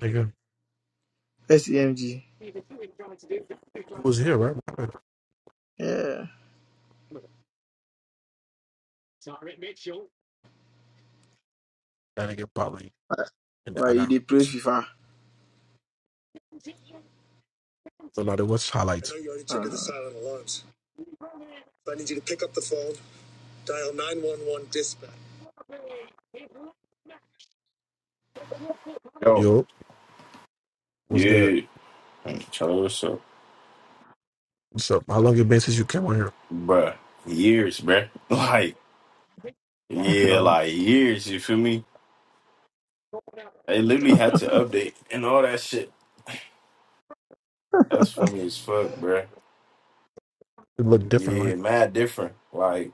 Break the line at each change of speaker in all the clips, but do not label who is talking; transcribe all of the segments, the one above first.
Nigga,
SEMG.
it was here, right?
Yeah.
That nigga probably in the
Like
other
you
room.
did play FIFA.
So now there was
I
highlights.
know you already triggered uh, the Uh, silent alarms, so I need you to pick up the phone, dial 911 dispatch.
Yo,
Yo, what's good?
yeah, control yourself,
What's up? How long it been since you came on here?
bruh. Years, bruh. Like,
I don't
yeah,
know.
like years. You feel me? They literally had to update and all that shit. That's funny as fuck, bruh.
It looked different,
Yeah,
like.
mad different. Like,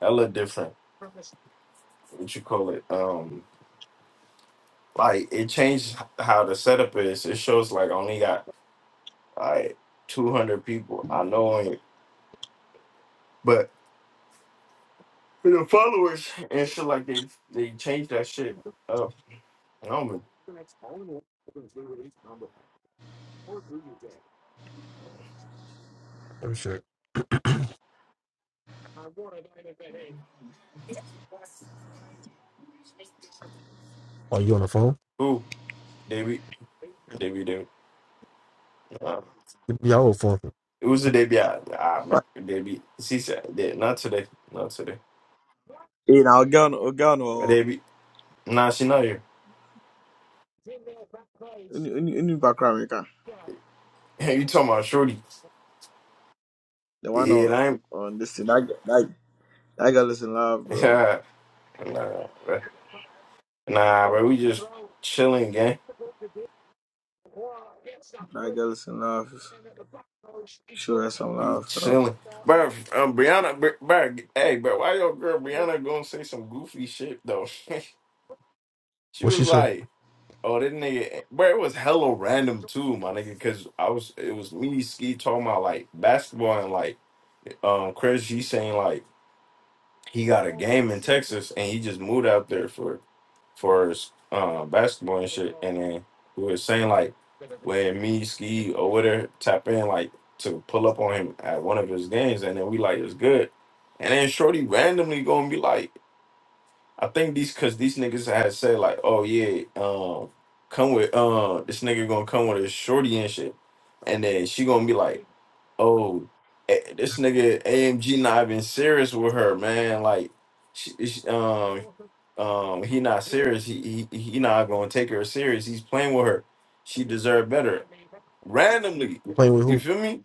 hella different. What you call it? Um, like it changed how the setup is. It shows like only got like two hundred people. I know on it, but for the followers and shit like they they changed that shit up. No man,
Oh shit. Are you on the phone?
who they be they be doing. nah.
Yeah, I was phone.
Who's the baby? Ah, ah, my
but,
baby. She said, yeah, not today, not today.
hey, now Ogan, Ogan, or
Baby, nah, she not here.
any any any background maker.
you talking about shorty?
The one
Yeah,
on
I ain't.
on this thing. That that that girl is in love, bro.
Yeah, nah, bruh. nah, bro. We just chilling, gang.
That girl is in love. Show her some
We
love, bro.
chilling, bro. Um, Brianna, bro, bro. Hey, bro. Why your girl Brianna gonna say some goofy shit though? she
What
was
she say?
like, "Oh, that nigga." Bro, it was hella random too, my nigga. Because I was, it was me, Ski talking about like basketball and like um, Chris G saying like. he got a game in Texas and he just moved out there for for uh, basketball and shit. And then we were saying like when me ski or whatever tap in like to pull up on him at one of his games, and then we like it's good. And then Shorty randomly gonna be like, I think these cause these niggas had said like, oh yeah, um, come with uh this nigga gonna come with a shorty and shit. And then she gonna be like oh, eh, this nigga AMG not even serious with her, man. Like, she, she- um, um, he not serious. He, he he not gonna take her serious. He's playing with her. She deserved better. Randomly,
Playing with
you
who?
feel me?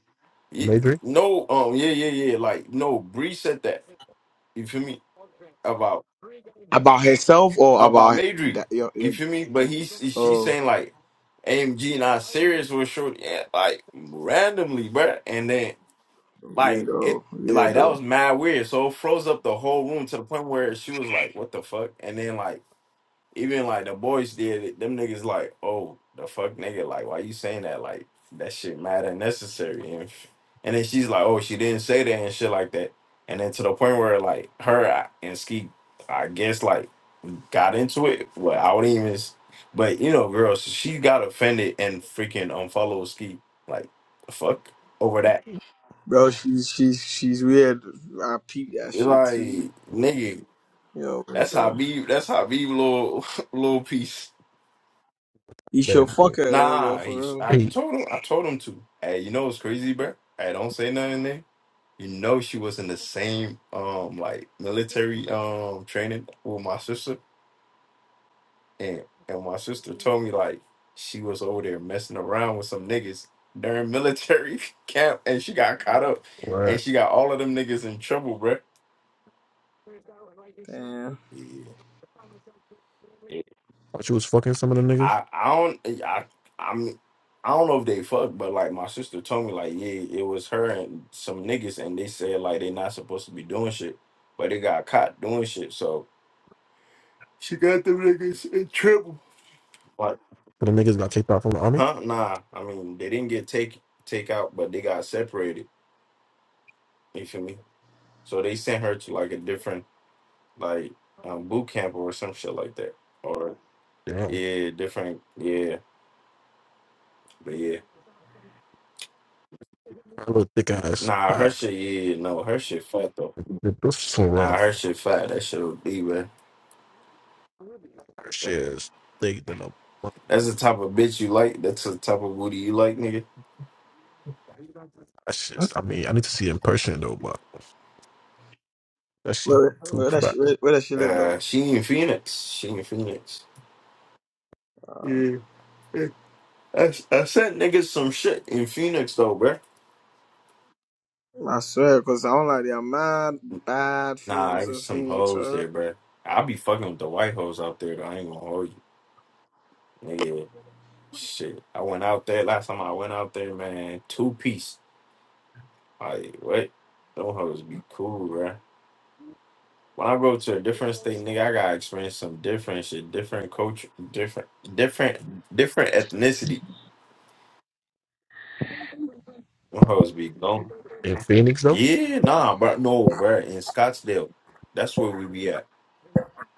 Y-
Major?
No, um, yeah, yeah, yeah. Like, no, Bree said that. You feel me about
About herself or
about
about
Madry?
that? Your,
You
your,
feel me? But he's she's
oh,
saying like, AMG not serious with short. Yeah, like randomly, bruh. And then Like it,
weirdo,
like that
weirdo,
was mad weird. So it froze up the whole room to the point where she was like, "What the fuck?" And then like even like the boys did it. Them niggas like, "Oh the fuck, nigga! Like why you saying that? Like that shit mad unnecessary." And and then she's like, "Oh she didn't say that and shit like that." And then to the point where like her and Ski, I guess like got into it. Well, I wouldn't even. s- But you know, girls, she got offended and freaking unfollowed Ski. Like the fuck over that.
bro. She's she's she's weird. I peep that
It's
shit too.
like, nigga,
Yo,
that's
weirdo.
how be that's how be little little piece.
You sure
Bad boy.
fuck her though, bro,
Nah, he,
for real.
I
Hey,
told him I told him to. Hey, you know what's crazy, bro? Hey, don't say nothing there. You know she was in the same um like military um training with my sister and and my sister told me like she was over there messing around with some niggas during military camp and she got caught up and
what?
she got all of them niggas in trouble, bro.
Damn.
Yeah.
Thought you was fucking some of the niggas?
I I don't I I'm I don't know if they fucked, but like my sister told me like yeah, it was her and some niggas, and they said like they not supposed to be doing shit, but they got caught doing shit. So She got them niggas in trouble. like
When the niggas got kicked out from the army?
huh? Nah, I mean they didn't get take take out, but they got separated. You feel me? So they sent her to like a different like um, boot camp or some shit like that, or
Damn.
yeah, different yeah, but yeah.
That little thick
Nah, her
ass.
shit yeah no, her shit fucked though.
Yeah, Those are some
Nah, her
rough
shit fat. That shit would be, man.
shit. They than a
That's the type of bitch you like. That's the type of booty you like, nigga.
That's just I mean, I need to see it in person though, but that shit
Where,
too
where that
fat.
she where, where that she live
Uh,
though?
she in Phoenix. She in Phoenix. Yeah. yeah. I, I sent niggas some shit in Phoenix, though, bruh.
I swear, cause I don't like they are mad bad
Nah, I
females
get
in
some
Phoenix,
hoes
right?
there, bruh. I be fucking with the white hoes out there, though. I ain't gonna hold you. Nigga, shit. I went out there last time I went out there, man. Two piece. Like, what? Them hoes be cool, bruh. When I go to a different state, nigga, I gotta experience some different shit, different culture, different, different, different ethnicity. Them hoes be gone.
In Phoenix though,
Yeah, nah, but no, bro. In Scottsdale, that's where we be at.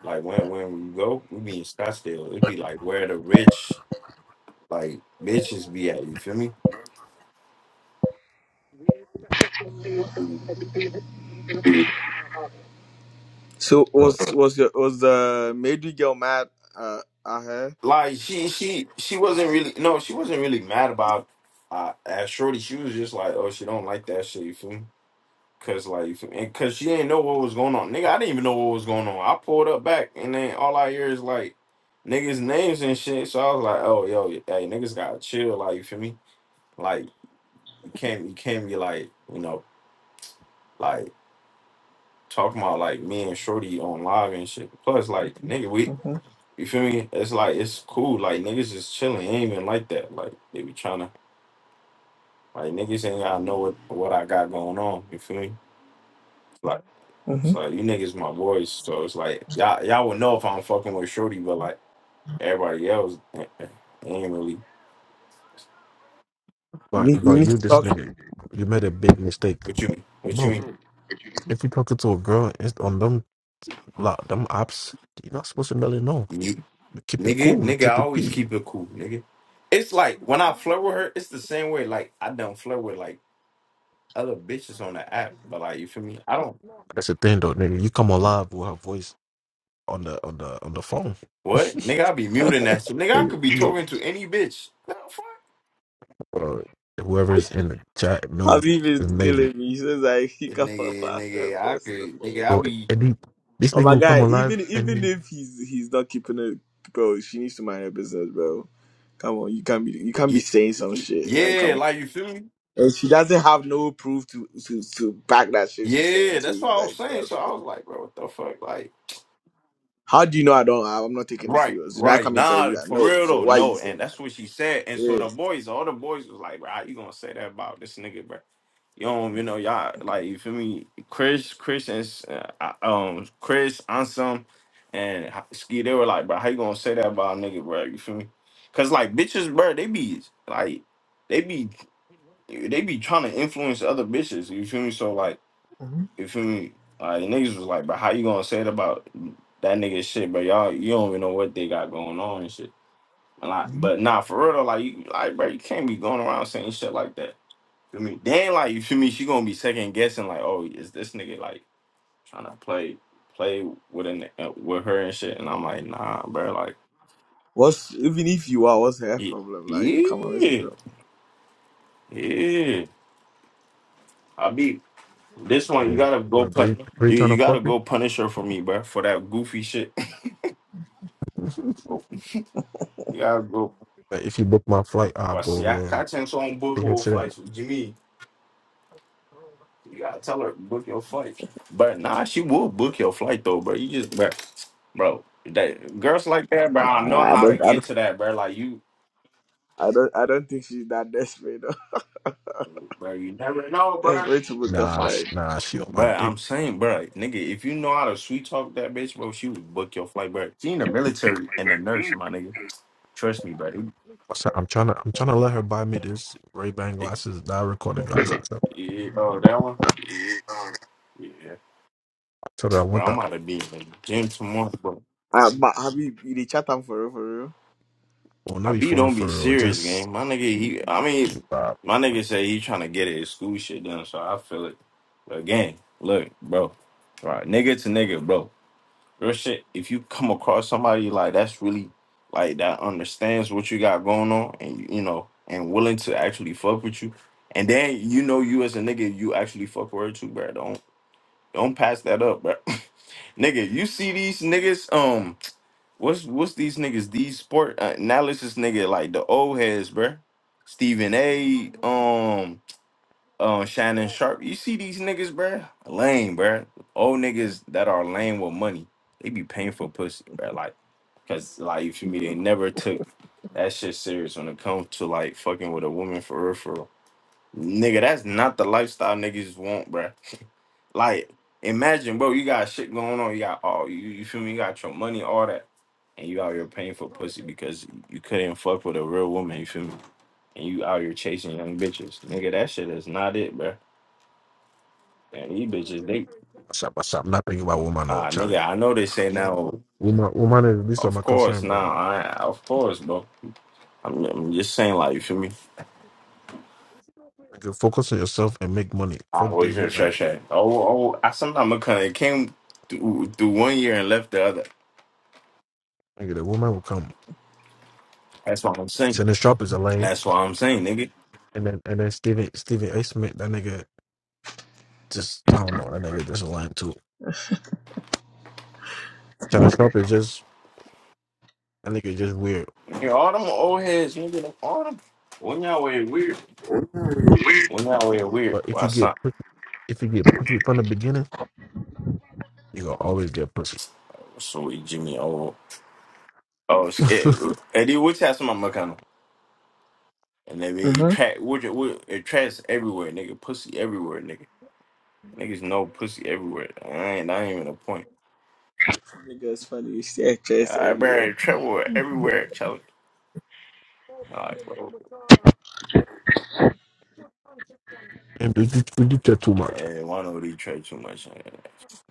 Like when when we go, we be in Scottsdale. It be like where the rich like bitches be at. You feel me?
So was
but
was your was the Madu girl mad uh at her?
Like she she she wasn't really no, she wasn't really mad about uh, at Shorty. She was just like, oh, she don't like that shit. You feel me? Cause like, and cause she didn't know what was going on, nigga. I didn't even know what was going on. I pulled up back, and then all I hear is like niggas' names and shit. So I was like, oh yo, hey, niggas gotta chill. Like you feel me? Like you can't, you can't be like, you know, like talking about like me and Shorty on live and shit. Plus, like nigga, we,
Mm-hmm.
you feel me? It's like it's cool. Like niggas just chilling, ain't even like that. Like they be trying to, like niggas ain't gotta know what what I got going on. You feel me? Like,
Mm-hmm.
It's like you niggas my boys, so it's like y'all y'all would know if I'm fucking with Shorty, but like everybody else eh, eh, ain't really.
You need
but
you
but
need
you
to
this
talk.
nigga, you made a big mistake,
What you mean? What you
bro.
mean?
If you talking to a girl it's on them like them apps, you're not supposed to really know.
You
You keep it
nigga,
cool. You
nigga, I
keep it
always
peep.
keep it cool, nigga. It's like when I flirt with her, it's the same way. Like I don't flirt with like other bitches on the app, but like you feel me? I don't.
That's the thing though, nigga. You come alive with her voice on the on the on the phone.
What nigga? I be muting that shit, nigga. I
They
could be
real
talking to any bitch. What the fuck?
uh,
I,
whoever's in the chat knows
Habib is
is major.
killing me. He says like he can't
nigga,
laugh at
nigga, I
first.
could, nigga, I
So
be,
and he, this
Oh
nigga
my
will come
guy,
alive
even
and
even
he
if he's he's not keeping it, bro, she needs to mind her business, bro. Come on, you can't be you can't
yeah,
be saying some shit. Like come
yeah, like you feel me?
And she doesn't have no proof to, to, to back that shit she's saying
Yeah, that's
too.
what I was
Like
saying.
that's
So
what-
I was like, bro, what the fuck? Like,
how do you know I don't have I'm not taking it
right,
serious? Did I
right.
come and tell
Nah,
you that?
for
No.
real
So
though,
why are you
no.
saying
And
that?
that's what she said. And so
Yeah.
the boys, all the boys was like, bro, how you gonna say that about this nigga, bro? You don't, you know, y'all like you feel me? Chris, Chris, and uh, uh, um, Chris, Ansem, and Ski. They were like, bro, how you gonna say that about a nigga, bro? You feel me? Cause like bitches, bro, they be like, they be, they be trying to influence other bitches. You feel me? So like.
Mhm,
You feel me? Like niggas was like, but how you gonna say it about that nigga shit? But y'all, you don't even know what they got going on and shit. And like,
mhm.
but nah, for real though, like you, like bro, you can't be going around saying shit like that. Feel me? Then like, you feel me? She gonna be second guessing, like, oh, is this nigga like trying to play, play with an uh, with her and shit? And I'm like, nah, bro, like,
What's even if you are, what's her
ye-
problem? Like, come on, let's be
yeah,
real.
yeah, I be this one. You
uh,
gotta go
what
pun,
Bree Bree
you,
trying
you
to fuck
gotta
you.
go punish her for me, bro, for that goofy shit. you gotta go.
Like, if you book my flight, I'll
Well,
go
see,
over
I
there and
Content on book
dig her
her
shit out.
flights with Jimmy. You gotta tell her book your flight. But nah, she will book your flight though, bro. You just, bro, bro. That girls like that, bro. I know
I
how to
don't I
get
don't
to that, bro. Like you,
I don't I don't think she's that desperate though.
bro. You never know, bro.
Desperate to put the
Nah,
Like,
sh-
flag.
nah, she on my
but
dick.
I'm saying, bro, nigga, if you know how to sweet talk that bitch, bro, she would book your flight, bro. She in the military and a nurse, my nigga. Trust me, bro. It-
I said, I'm trying to, I'm trying to let her buy me this Ray Ban
it-
glasses, not recording glasses. So I
yeah, oh, that one. Yeah,
told her I want
bro. I'm
that.
about to be in the gym tomorrow, bro.
Uh, but have you you did chat them for real for real?
Well, not
I B
before
don't be
for or
serious,
just
game. My nigga, he. I mean,
uh,
my nigga say he trying to get his school shit done, so I feel it. But again, look, bro. All right, nigga to nigga, bro. Real shit. If you come across somebody like that's really like that understands what you got going on, and you know, and willing to actually fuck with you, and then you know you as a nigga, you actually fuck with her too, bro. Don't don't pass that up, bro. nigga, you see these niggas, um. What's what's these niggas? These sport uh, analysis nigga like the old heads, bruh. Stephen A. Um, uh, Shannon Sharp. You see these niggas, bruh? Lame, bruh. Old niggas that are lame with money. They be paying for pussy, bruh. Like, cause like you feel me? They never took that shit serious when it comes to like fucking with a woman for real, for real. Nigga, that's not the lifestyle niggas want, bruh. Like, imagine, bro, you got shit going on. You got all you, you feel me? You got your money, all that, and you out here paying for pussy because you couldn't fuck with a real woman. You feel me? And you out here chasing young bitches, nigga. That shit is not it, bruh. And these bitches, they
what's up, what's up. I'm not thinking about woman or
ah,
Charlie.
nigga. I know they say now,
Woman, woman is least of
of
my concern,
course,
bro.
now, I of course, bro. I'm, I'm just saying, like, you feel me?
Nigga, focus on yourself and make money.
I
Fuck
always
this
hear
woman.
shay shay. Oh, oh, I sometimes kind of came through, through one year and left the other.
Nigga, the woman will come.
That's what I'm saying.
Shannon Sharp is a lame.
That's what I'm saying, nigga.
And then and then Steven Steven A. Smith, that nigga just I don't know, that nigga just a lame too. Shannon Sharp is just that nigga just weird.
Nigga, all them old heads, nigga, them, all them. When y'all wear weird. When y'all wear weird.
But if
Why
you get
son?
pussy if you get pussy from the beginning, you gonna always get pussy.
Sweet Jimmy, old. Oh, shit. Eddie, what's happening, my mechanic? And they be
Mhm.
track, what, you- what, it trash everywhere, nigga. Pussy everywhere, nigga. Niggas know pussy everywhere. I ain't, I ain't even a point.
Niggas funny, you see actress
Yeah, I
everywhere.
buried trouble everywhere, Charlie. Alright, bro.
and we did we did that too much.
Hey, why don't Detroit too much? I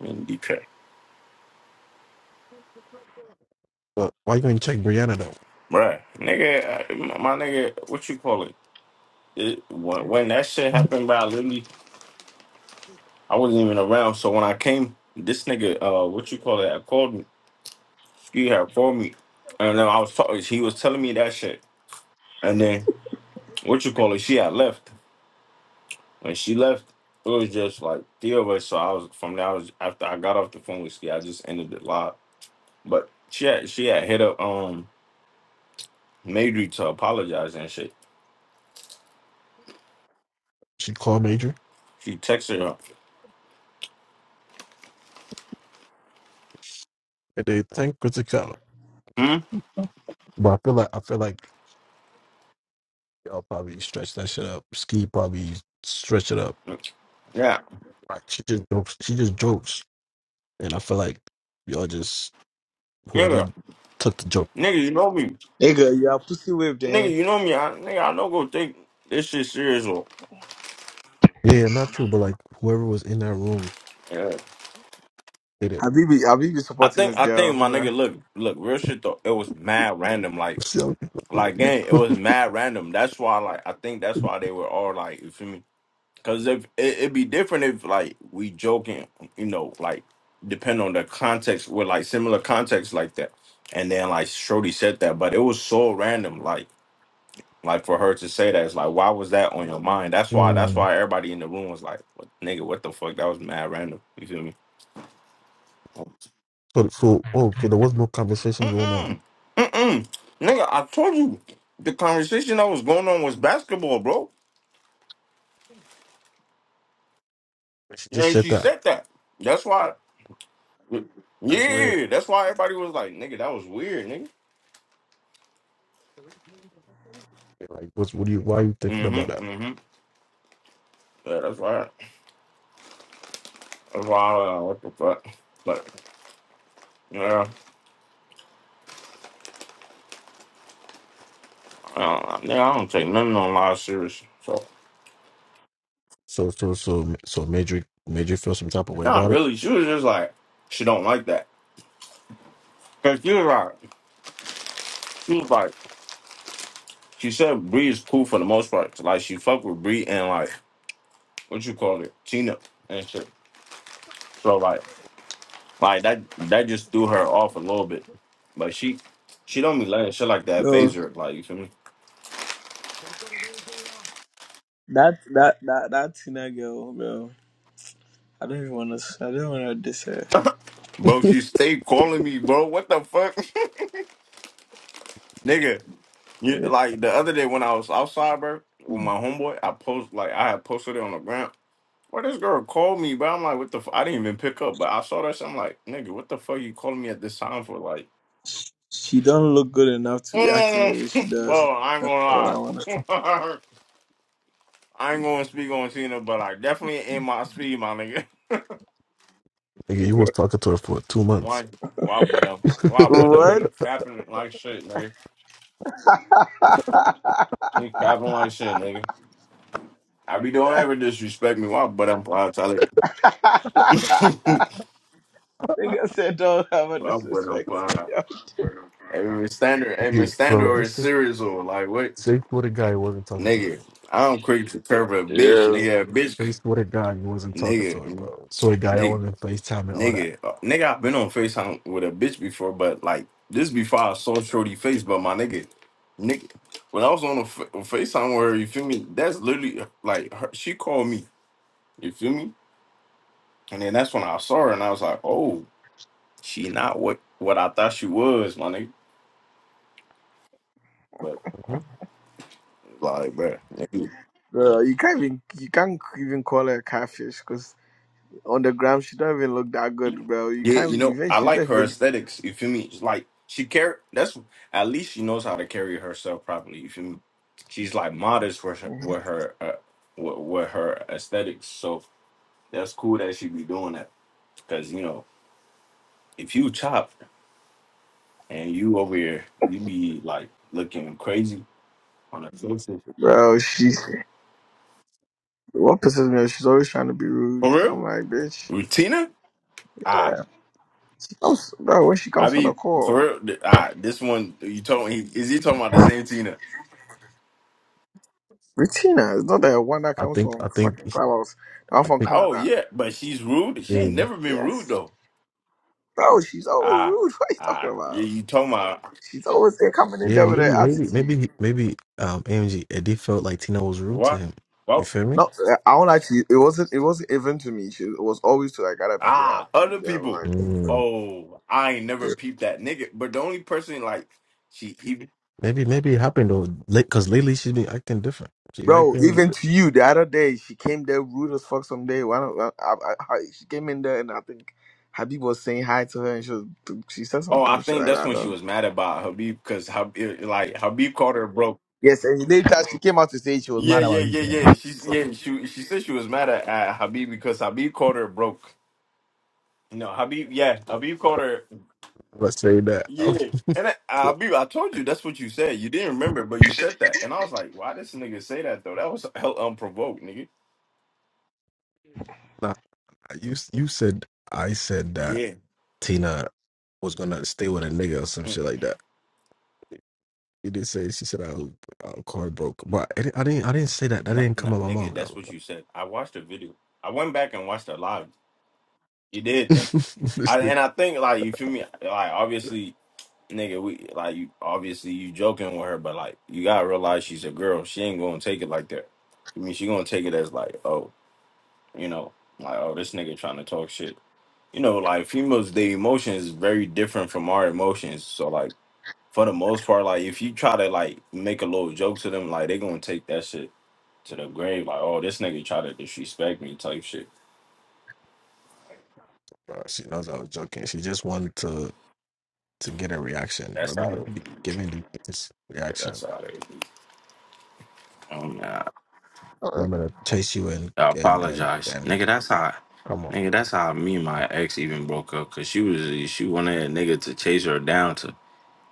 mean, Detroit.
But why you gonna check Brianna though?
Bruh, nigga, I- my my nigga, what you call it? it, when, when that shit happened, by literally, I wasn't even around. So when I came, this nigga, uh, what you call it, I called me, ski had called me, and then I was talking. He was telling me that shit, and then what you call it, she had left. When she left, it was just like three of us. So I was from there. I was after I got off the phone with ski, I just ended it live. But she had she had hit up um Madry to apologize and shit.
She called Major
She texted her.
and they thank Criticality.
Hmm.
But I feel like I feel like Y'all probably stretch that shit up. Ski probably stretch it up.
Yeah.
Right. She just jokes. She just jokes, and I feel like y'all just whoever
Nigga.
took the joke.
Nigga, you know me.
Nigga, you are pussy whipped,
Nigga,
eh?
you know me. I, nigga, I don't go take this shit serious. Or,
Yeah, not you, but like whoever was in that room
yeah.
did it.
Habibi, Habibi
I
supporting
think,
this
I think
girl,
my
bruh.
nigga, look, look, real shit though. It was mad random. Like,
See how people do
like, gang, it
it?
was mad random. That's why, like, I think that's why they were all like, you feel me? Because if it, it'd be different if like we joking, you know, like depend on the context with like similar context like that. And then like Shorty said that, but it was so random. Like. Like for her to say that, it's like, why was that on your mind? That's why. That's
Mm.
why everybody in the room was like, what, "Nigga, what the fuck? That was mad random." You feel me?
So, so oh, so there was no conversation going on.
Mm-mm. Mm-mm. Nigga, I told you the conversation that was going on was basketball, bro.
She just
And
said
she
that.
said that. That's why.
That's weird.
Yeah, that's why everybody was like, nigga, that was weird, nigga.
Like, what's what do you? Why are you thinking about that?
Mm-hmm. Mm-hmm. Yeah, that's why. That's why I what the fuck. But yeah, I don't, nigga, I don't take nothing on live serious. So
So so so so made you made you feel some type of way
not
about it.
really. She was just like, she don't like that. Cause she was like, she was like, she said Bree is cool for the most part. Like she fucked with Bree and like what you call it, Tina and shit. So like, like that that just threw her off a little bit. But she she don't be letting shit like that
No.
phase her. Like you feel me,
That that that that Tina girl, bro. I don't even wanna I don't wanna diss her.
bro? She stayed calling me, bro. What the fuck, nigga? You, like the other day when I was outside, bro, with
Mm.
my homeboy, I post like I had posted it on the ground. Well, this girl called me, but I'm like, what the? F-? I didn't even pick up, but I saw that. Shit, I'm like, nigga, what the fuck you calling me at this time for? Like.
She don't look good enough to be acting the
Eh,
way she does.
bro, I ain't
Or I wanna
gonna lie. I ain't gonna speak on Cena, but I definitely in my speed, my nigga.
Nigga, you was talking to her for two months.
Why? Why, but um, why, but um,
What?
he capping like shit, nigga. He capping like shit, nigga. I be don't ever disrespect me. Why, but I'm fine, tell
Nigga said don't have a
Why, but I'm
disrespect to
fine.
you.
Every standard, every
You-
standard
bro,
or
this
is
six
serious or like what,
six footed guy wasn't talking to her.
nigga? I'm quick to curve a bitch, nigga. A bitch,
They
c-
swear to God, you wasn't talking to her,
nigga,
bro. Swear to God, I
nigga.
wasn't FaceTime and all that.
Nigga, uh, nigga, I've been on FaceTime with a bitch before, but like this before I saw Shorty face, but my nigga, nigga, when I was on a fa- FaceTime with her, you feel me? That's literally uh, like her, she called me, you feel me? And then that's when I saw her, and I was like, oh, she not what what I thought she was, my nigga. But
Mhm.
like, bruh.
Bro, you can't even you can't even call her a catfish because on the gram she don't even look that good, bro. You
Yeah, you
can't
know,
even
I
she's not
like her
even
aesthetics. You feel me? It's like she carry. That's at least she knows how to carry herself properly. You feel me? She's like modest with her with her uh, with, with her aesthetics. So that's cool that she be doing that. Cause you know, if you chop and you over here, you be like looking crazy on the faces.
bro, she's what pisses me off, she's always trying to be rude.
For real,
I'm like, bitch.
Rutina? Ah,
She comes, bro, when she
I
comes on the
be
call.
for real. th- Ah, this one you told me. Is he talking about the same Tina?
Bettina is not the one that
I
comes
think,
from
I think,
fucking Clubhouse. The one
I
from
think,
Oh
Canada.
yeah, but she's rude. She
yeah,
ain't never been rude
Yes.
though.
Bro, she's always
Ah,
rude. What are you
ah,
talking
you
about?
you talking about
She's always there coming in
yeah,
there with her
maybe, maybe,
attitude.
maybe, he- maybe, um, AMG, Eddie felt like Tina was rude to
what?
him. You
Well,
feel me?
No, uh, I don't actually. It wasn't. It wasn't even to me. She, it was always to like other people that are
ah,
people
other
that are
people.
like,
Mm.
Oh, I ain't never peeped that nigga. But the only person like she, he,
Maybe maybe it happened though, because lately she has been acting different. She been
bro.
acting
Even
weird.
to you, the other day she came there rude as fuck. Some day, one, of- I, I, I, she came in there and I think Habib was saying hi to her and she was, she said some
oh, I
dumb shit
think
like
that's
that. I
when she
don't.
was mad about Habib because Habib, like Habib called her broke.
Yes, and later she came out to say she was
Yeah,
mad.
yeah, yeah, yeah. She's yeah. She she said she was mad at, at Habib because Habib called her broke. No, Habib. Yeah, Habib called her.
Let's say that.
Yeah, and I,
Bro,
Habib, I told you that's what you said. You didn't remember, but you said that, and I was like, why this nigga say that though? That was hell unprovoked, nigga.
nah, you you said I said that
Yeah.
Tina was gonna stay with a nigga or some
Mm,
shit like that. You did say she said I will car broke, but I didn't, I didn't I didn't say that. That
no,
didn't
no,
come out my
nigga,
mouth
that's
though.
what
But
you said. I watched the video. I went back and watched it live. You did.
This
I,
nigga-
and I think, like, you feel me? Like, obviously, nigga, we, like, you, obviously, you joking with her, but, like, you gotta realize she's a girl. She ain't gonna take it like that. I mean, she gonna take it as, like, oh, you know, like, oh, this nigga trying to talk shit. You know, like, females, their emotions is very different from our emotions. So, like, for the most part, like, if you try to, like, make a little joke to them, like, they gonna take that shit to the grave, like, oh, this nigga try to disrespect me type shit.
bro, she knows I was joking. She just wanted to. to get a reaction.
That's
But me,
how
I
they
don't be giving the biggest reaction.
that's how they be. um I,
Uh,
I'm gonna chase you and
I
and and
apologize.
and
Nigga, that's how
come on.
nigga, that's how me and my ex even broke up cause she was she wanted a nigga to chase her down to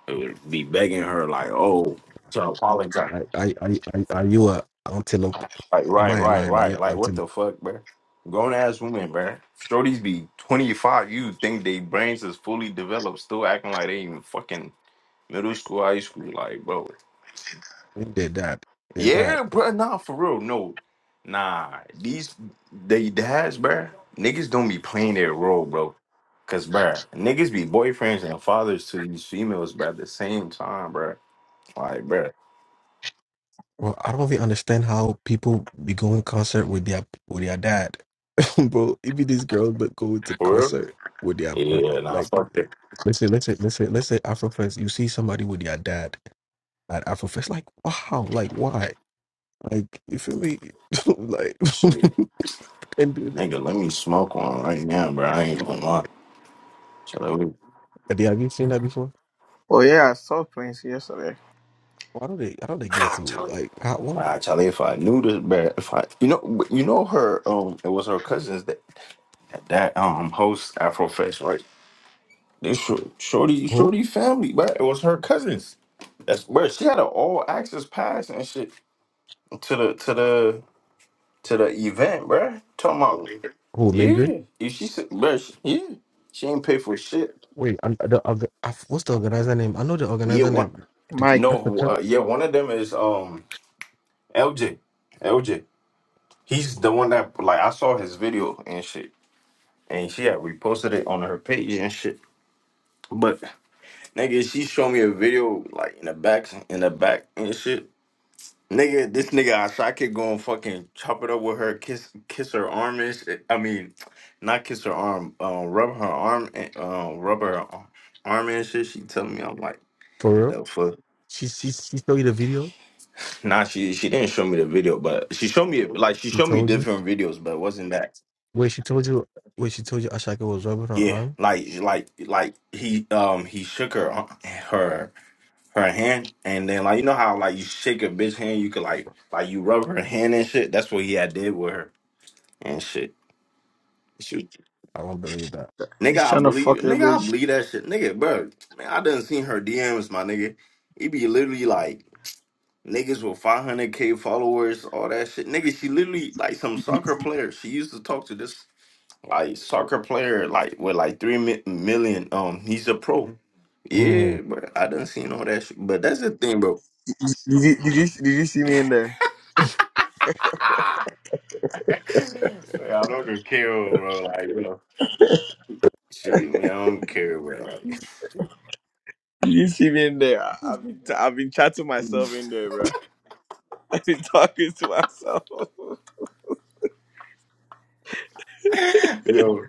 it would be begging her like, oh, to apologize.
Like, are are are, are you a antelope?
Like,
Am
right,
I a
right,
lion? Are you
right.
an
Like what
antelope?
the fuck, bro? Grown ass women, bro. Shorties be twenty five, you think they brains is fully developed, still acting like they even fucking middle school, high school, like bro.
They did that. They did that.
Yeah, bro. Nah, for real. No. Nah. These they dads, bruh. Niggas don't be playing their role, bro. Cause bruh, niggas be boyfriends and fathers to these females, bruh, at the same time, bruh. Like, bruh.
Well, I don't really understand how people be going concert with their with their dad, bro. Even these girls, but go to
For real?
concert with their dad.
Yeah, nah,
Like,
fuck that.
let's say, let's say let's say, let's say Afrofest. You see somebody with their dad at Afrofest, like, wow, like why? Like, you feel me? like,
Shit.
and do
Nigga, let me smoke one right now, bruh. I ain't gonna lie. Charlie. you.
have you seen that before?
oh yeah, I saw Prince yesterday.
Why do they? How do they get to
Tell you.
like? How, why?
Nah, Charlie. if I knew this, bruh. If I you know you know her um it was her cousins that that um host Afrofest, right? They shor- Shorty,
Who?
Shorty family, right? It was her cousins. That's where she had an all access pass and shit to the to the to the event, bruh. Talking about,
Who? Mandarin?
yeah, if she said, bruh, she, yeah, she ain't pay for shit.
Wait, I'm, the, orga- I f- what's the organizer name? I know the
Yeah,
organizer
one,
name. The-
Mike,
That's the
no,
cousin
uh, yeah, one of them is um LJ, LJ. He's the one that like I saw his video and shit, and she had reposted it on her page and shit. But nigga, she showed me a video like in the back, in the back and shit. Nigga, this nigga Asha could go and fucking chop it up with her, kiss kiss her arm and shit. I mean, not kiss her arm, um, rub her arm and um, rub her ar- arm and shit. She telling me I'm like,
for real.
the fuck.
She she she showed you the video.
Nah, she she didn't show me the video, but she showed me like she
She
showed me
told you.
different videos, but it wasn't that.
Wait, she told you. Wait, she told you. Ashaka was rubbing her
Yeah,
arm.
like like like he um he shook her uh, her her hand and then like you know how like you shake a bitch hand, you could like like you rub her hand and shit. That's what he had did with her and shit. Shoot.
I don't believe that.
Nigga,
he's
I
trying to
believe
fuck your
nigga, I
bitch.
believe that shit. Nigga, bro, man, I done seen her DMs, my nigga. It be literally like niggas with 500k followers, all that shit. Nigga, she literally like some soccer player. She used to talk to this like soccer player, like with like three mi- million. Um, he's a pro.
Mm.
Yeah, but I done seen all that shit. But that's the thing, bro.
Did you, did you did you see me in there?
Say, I don't care, bro. Like, you know, shit, man, I don't care, bro. Like,
Eddie,
Did You see me in there. I, I've been, I've been chatting myself in there, bro. I've been talking to myself. oh
yo,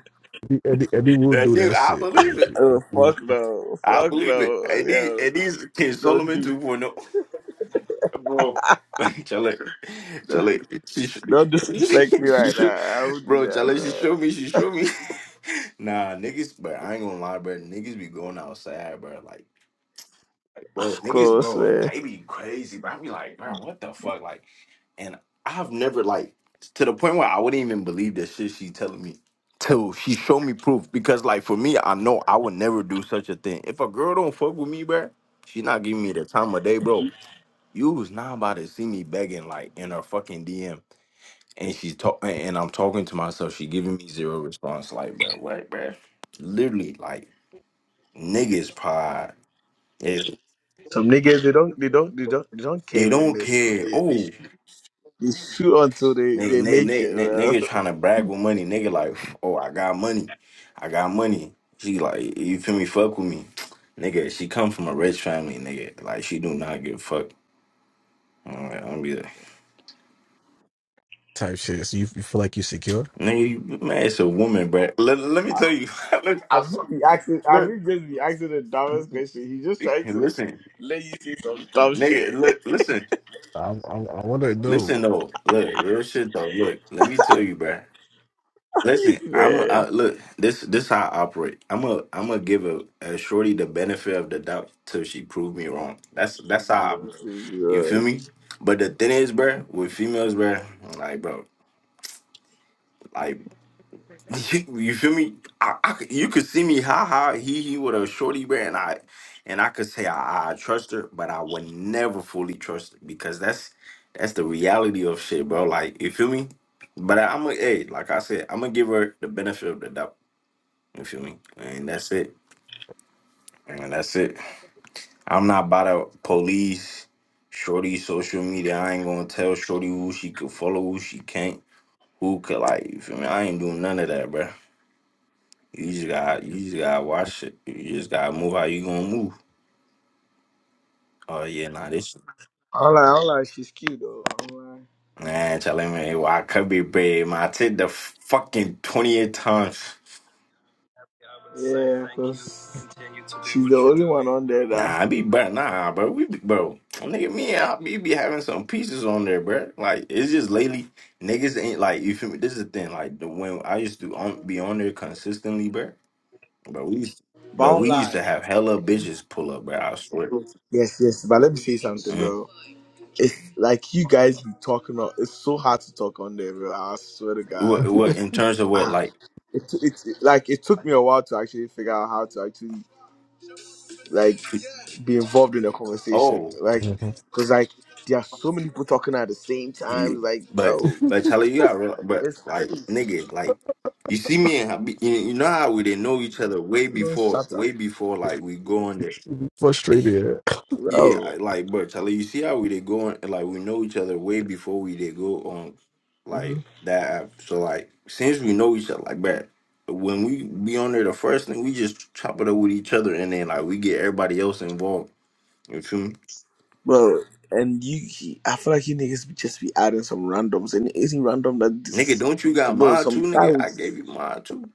Eddie, Eddie will
that
do
dude,
that
I
shit eh,
believe it.
fuck no,
I
fuck
believe
no,
it. And these,
yo,
and these kids
don't
Solomon
do,
2.0. Bro, Chale, Chale, she should,
don't disrespect me
she
like
should,
that. I would do
bro,
that,
Chale, she
bro.
showed me, she showed me. Nah, niggas, but I ain't gonna lie, bro, niggas be going outside, bro, like, bro,
Of
niggas,
course,
bro,
man.
I be crazy, bro, I be like, bro, what the fuck, like, and I've never like to the point where I wouldn't even believe the shit she telling me till she showed me proof. Because like for me, I know I would never do such a thing. If a girl don't fuck with me, bruh, she not giving me the time of day, bro. You was not about to see me begging like in her fucking DM, and she's talking, and I'm talking to myself. She giving me zero response, like bruh, what, bruh? Literally, like niggas pride. If
Some niggas they don't, they don't, they don't, they don't
they
cave their
don't
miss. So
care.
they, they,
Oh,
shoot- they shoot until they,
Nigga,
they
nigga,
make
nigga,
it,
nigga,
bro.
nigga trying to brag with money. Nigga like, oh, I got money. I got money. She like, you feel me? Fuck with me. Nigga, she come from a rich family, nigga. Like, she do not give a fuck. I'm like, I'm be like,
type shit. So you, you feel like you're secure?
nigga, you, man, it's a woman, bruh. Let, let me tell you. look, I
Have
saw,
you be asking? Have
look,
you just be asking the dumbest question? He just trying
hey,
to
listen,
let you see some dumb
nigga,
shit,
look, listen.
I, I, I want to know.
Listen, though. Look, real shit, though. Look, let me tell you, bruh. Listen, I'm a,
man.
I, look. This this how I operate. I'm a I'm gonna give a, a shorty the benefit of the doubt till she prove me wrong. That's that's how I, you feel
Yeah.
me. But the thing is, bruh, with females, bruh, like bro, like you feel me. I, I could- you could see me ha ha he he with a shorty, bruh, and I and I could say I, I trust her, but I would never fully trust her because that's that's the reality of shit, bro. Like you feel me. But I, I'm gonna hey, like I said, I'm gonna give her the benefit of the doubt. You feel me? And that's it. And that's it. I'm not about to police Shorty social media. I ain't gonna tell Shorty who she could follow, who she can't, who could like. You feel me? I ain't doing none of that, bruh. You just got, you just gotta watch it. You just gotta move how you gonna move. Oh yeah, nah, this
I'm like, I'm like, she's cute though. I'm like,
man telling me well, I could be paid. Man, I did the fucking twentieth times.
yeah, because she's the only one on there that.
Nah, I be bro, nah, bro. We be, bro, nigga, me and I be, be having some pieces on there, bro. Like it's just lately, niggas ain't like you feel me. This is the thing, like the when I used to on, be on there consistently, bro. But we, used, but
But I'm
we used to
like,
have hella bitches pull up, bro. I swear.
yes, yes. But let me say something,
Mm.
bro. It's like you guys be talking. On, it's so hard to talk on there, bro. I swear to God.
What, what in terms of what,
Ah,
like,
it, it, it like it took me a while to actually figure out how to actually like
t-
be involved in the conversation
oh,
like because like there are so many people talking at the same
yeah.
time like
but
bro
but Charlie, you got real, but
it's
like
crazy
nigga, like you see me and I be, you you know how we didn't know each other way
People don't
before,
shut
way
up
before like we going there.
frustrated.
Yeah,
bro
I, like, but Charlie, you see how we did go on, like, we know each other way before we did go on, like,
Mhm.
that app. So, like, since we know each other like that, when we be on there, the first thing we just chop it up with each other, and then like we get everybody else involved. You feel me,
bro and you he- i feel like you niggas be just be adding some randoms and it isn't random that
nigga?
this
Don't you got
bro
mine
some
too,
guy
nigga? I
was
gave you mine too.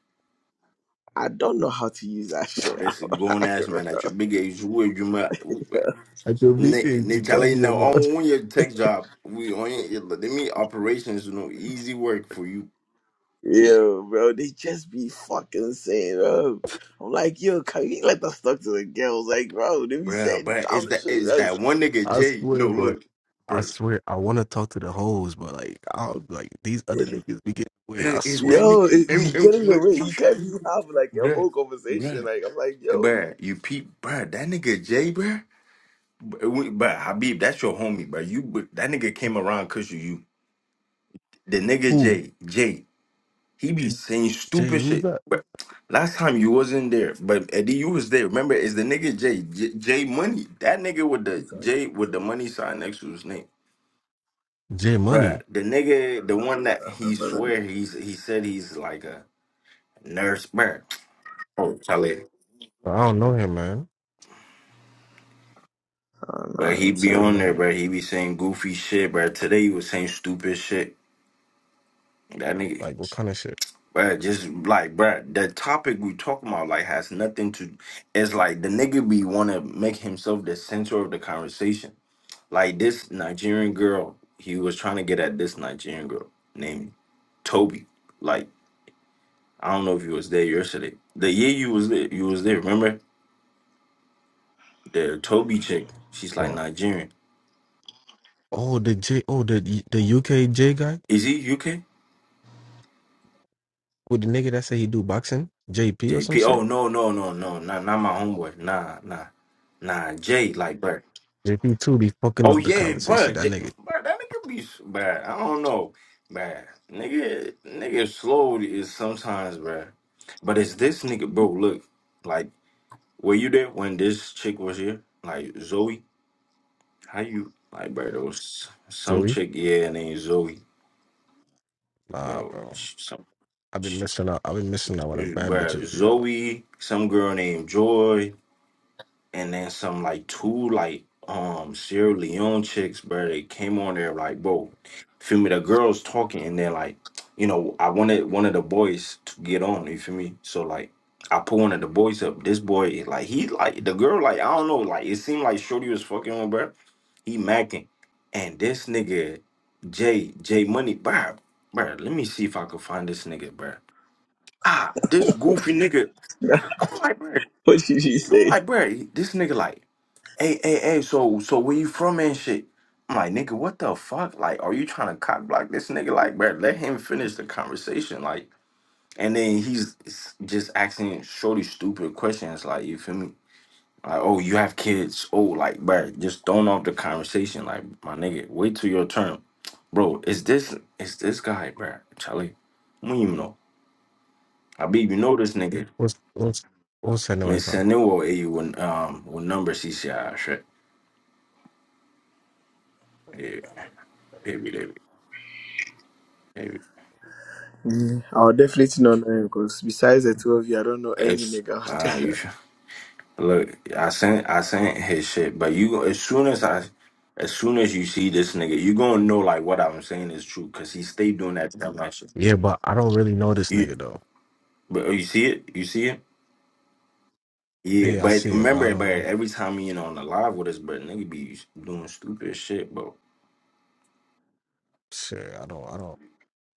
i don't know how to use that
Man,
shit
that's a
I'm
grown
like,
ass
bro.
man at your big age. Would you, man?
I
Nigga,
Dominican, you
nigga,
can't
Charlie,
be a
no,
man.
on your tech job, we on your, let me operations, you know, easy work for you.
yo bro they just be fucking saying bro i'm like yo can you let us talk to the girls like bro they be
Bruh,
saying
but it's
dumb
that
shit
it's
like,
that one nigga
I
Jay. No,
swear, bro.
look,
I
bruh,
swear, I want to talk to the hoes, but like, I'll like these other niggas be getting away. I
bruh, it's
swear. To,
that
Yo,
nigga.
it, you
And,
get
and
in the
look,
way. You can't be have like a whole conversation.
bruh,
Like I'm like, yo.
bruh, you peep, bruh, that nigga Jay, bruh, bruh, we- bruh, Habib, that's your homie, bruh. You, but that nigga came around cause you, you, the nigga
who?
Jay, Jay, he be saying
Jay?
stupid
Who's
shit.
that?
But last time you wasn't there, but Eddie, you was there. Remember, it's the nigga Jay, J, Jay Money, that nigga with the
It's like,
Jay with the money sign next to his name.
Jay
Bruh,
Money.
the nigga, the one
I
that
can't
he
remember them.
swear he's he said he's like a nurse, bruh. Oh, tell it.
I don't know him, man.
I don't
But
know
he
him
I
be
too.
don't
on
know
there,
him.
bruh. He be saying goofy shit, bruh. Today he was saying stupid shit. That nigga,
Like, what kind of shit?
bruh, just like, bruh, the topic we talking about like has nothing to. It's like the nigga be want to make himself the center of the conversation. Like this Nigerian girl, he was trying to get at this Nigerian girl named Toby. Like I don't know if you was there yesterday. The year you was there, you was there. Remember? the Toby chick. She's like
Bro.
Nigerian.
Oh, the J. Oh, the the UK J guy
Is he UK?
with the nigga that say he do boxing, JP or some
JP. Oh
shit.
no no no no not not my homeboy. Nah nah nah. Jay like bruh.
JP too be fucking
Oh
up the
yeah
conversation.
bruh.
That
J-
nigga
bruh that nigga be s- bruh. I don't know bruh. Nigga nigga slow is sometimes bruh. But it's this nigga bro. Look like were you there when this chick was here? Like Zoe. How you like bruh? There was some
Joey.
chick yeah named Zoe
Nah,
bro.
bro.
She, some.
I've been missing out. I've been missing out on the bad
Bruh,
bitches, be out.
Zoe, some girl named Joy, and then some like two like um Sierra Leone chicks, bro. They came on there like, bro, feel me? The girls talking, and they're like, you know, I wanted one of the boys to get on. You feel me? So like, I put one of the boys up. This boy, is like, he like the girl, like I don't know, like it seemed like Shorty was fucking with, bro. He macking, and this nigga Jay Jay Money, bro, bro. Let me see if I could find this nigga, bro. Ah, this goofy nigga I'm like, bro,
what did she
I'm
say?
like, bro, this nigga like, hey, hey, hey, so so where you from and shit? I'm like, nigga, what the fuck? Like, are you trying to cock block this nigga? Like, bro, let him finish the conversation. Like, and then he's just asking shorty stupid questions. Like, you feel me? Like, oh, you have kids. Oh, like, bro, just throwing off the conversation. Like, my nigga, wait till your turn. Bro, is this is this guy, bro? Charlie, I don't even know. I be you know this nigga.
What's what's what's that
Me
noise from?
send it or you um what number CCI shit. Yeah, hit me, David. Hit me.
Mm, I'll definitely not know him because besides the two of you, I don't know any
It's
nigga out
nah. You
there.
sh- look. I sent. I sent his shit. But you, as soon as I, as soon as you see this nigga, you gonna know like what I'm saying is true because he stayed doing that to that shit.
Yeah, but I don't really know this
You,
nigga though.
but oh, you see it. You see it. Yeah,
Yeah, I
but
see it, but I
remember, but
don't know.
every time you know on the live with us, but nigga be doing stupid shit, bro.
Shit, I don't. I don't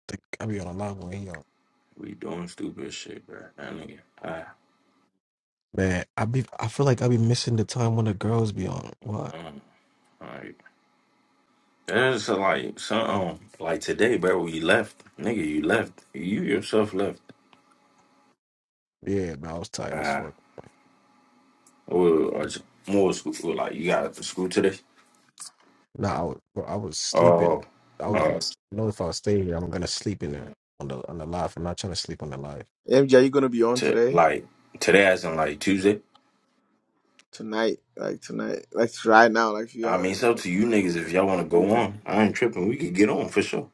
think I be on a live when he on.
We doing stupid shit, bro. That nigga. I,
Man, I be I feel like I be missing the time when the girls be on. What?
um, like, there's like some um, like today, bro. We left, nigga. You left. You yourself left.
Yeah, man, I was tired as
Uh,
fuck.
we were, more school. we were like you got to school today?
Nah, I was bro, I was sleeping.
Oh,
I was
uh,
you know if I stay here, I'm gonna sleep in there on the on the live. I'm not trying to sleep on the live.
MJ, are you gonna be on
to
today?
like today as in like Tuesday.
Tonight? Like tonight? Like right now? Like you
I mean,
are?
it's up to you niggas if y'all want
What
to
are you
go
doing?
on. I ain't tripping. We could get on for sure.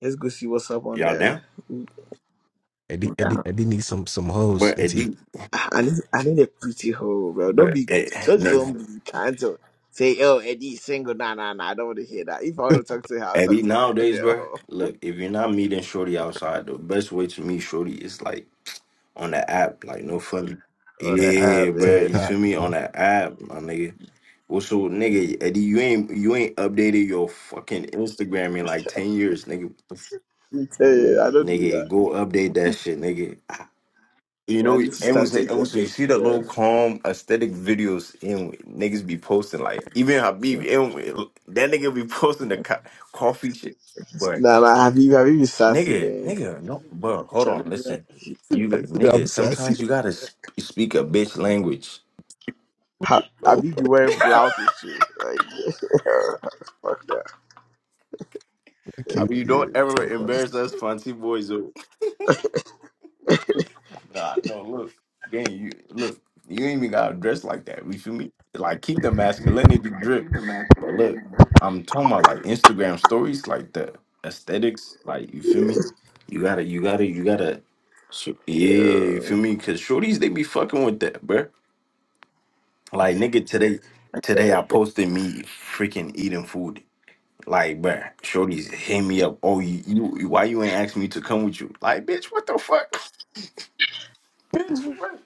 Let's go see what's up on
Y'all
there.
down?
Ooh,
Eddie Eddie Eddie needs some some hoes
But
and
at
he
the
I need, I need a pretty hoe, bro. Don't
but
be
at,
just
no,
don't be trying to say, "Oh, Eddie's single." Nah, nah, nah. I don't want to hear that. If I want
on
to talk to her, I'll
at
talk
the
to her.
nowadays, bro.
Yo,
Look, if you're not meeting Shorty outside, the best way to meet Shorty is like on the app. Like no funny.
on
the
the
app
Yeah, bro.
app,
You
TikTok.
feel
yeah.
me on
man.
the app, my nigga. Well, so nigga, Eddie, you ain't you ain't updated your fucking Instagram in like ten years, nigga.
I tell you, I don't do
Nigga,
that.
go update that shit, nigga. You
Yeah, I
know,
need to
everyone
start
say, everyone
taking
say, you
pictures.
see the
Yeah.
little calm aesthetic videos and niggas be posting like even Habib, and that nigga be posting the co- coffee shit. But
Nah, nah. Have you, have you been sassy,
nigga,
man?
nigga, no, bro, hold on, listen, you li-
I'm
nigga.
sassy.
Sometimes you gotta sp- speak a bitch language.
Ha-
Oh
Have you been wearing blouse and shit? Like, fuck that.
fuck
I
you,
mean, you don't
yeah.
ever
Tell us.
embarrass us, Fonty boys. Nah, no, look, then you look, you ain't even gotta dress like that. You feel me? Like keep the masculinity drip. But look, I'm talking about like Instagram stories, like the aesthetics, like you feel
Yeah.
me? You gotta, you gotta, you gotta. So, yeah, you feel me? Cause shorties they be fucking with that, bruh. Like nigga, today, today I posted me freaking eating food. Like, bruh, shorties hit me up. Oh, you, you why you ain't asked me to come with you? Like, bitch, what the fuck, bitch? What?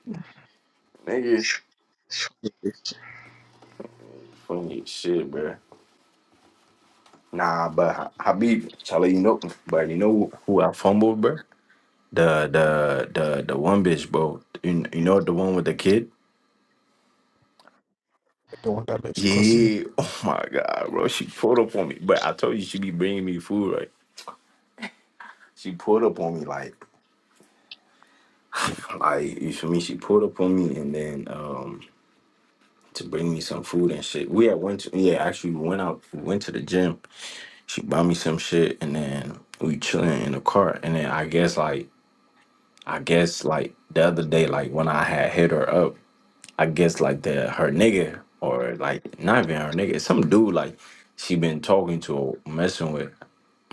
Nigga. Funny shit, bro. Nah, but Ha- Habib, Charlie, you know, but you know who I fumbled, bro? The the the the one bitch, bro. You, you know the one with the kid?
The one that lives close to you.
Yeah. Oh my god, bro. She pulled up on me, but I told you she be bringing me food, right? She pulled up on me like, like you feel me? She pulled up on me and then um to bring me some food and shit. We had went to yeah, actually we went out, we went to the gym. She bought me some shit and then we chilling in the car and then I guess like I guess like the other day, like when I had hit her up, I guess like the her nigga or like not even her nigga, some dude like she been talking to or messing with.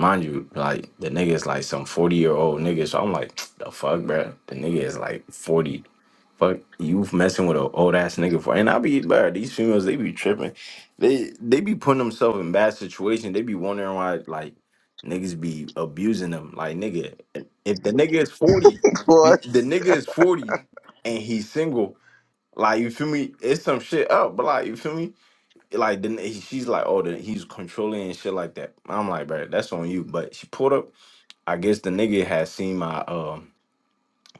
Mind you, like the nigga is like some forty year old nigga. So I'm like, the fuck, bro. The nigga is like forty. Fuck you messing with an old ass nigga for and I be bro, these females they be tripping. They they be putting themselves in bad situations. They be wondering why like niggas be abusing them. Like nigga, if the nigga is 40, n-
What?
the nigga is 40 and he's single, like you feel me? It's some shit up, but like you feel me? Like then he- she's like, oh, the, he's controlling and shit like that. I'm like, bro, that's on you. But she pulled up. I guess the nigga had seen my um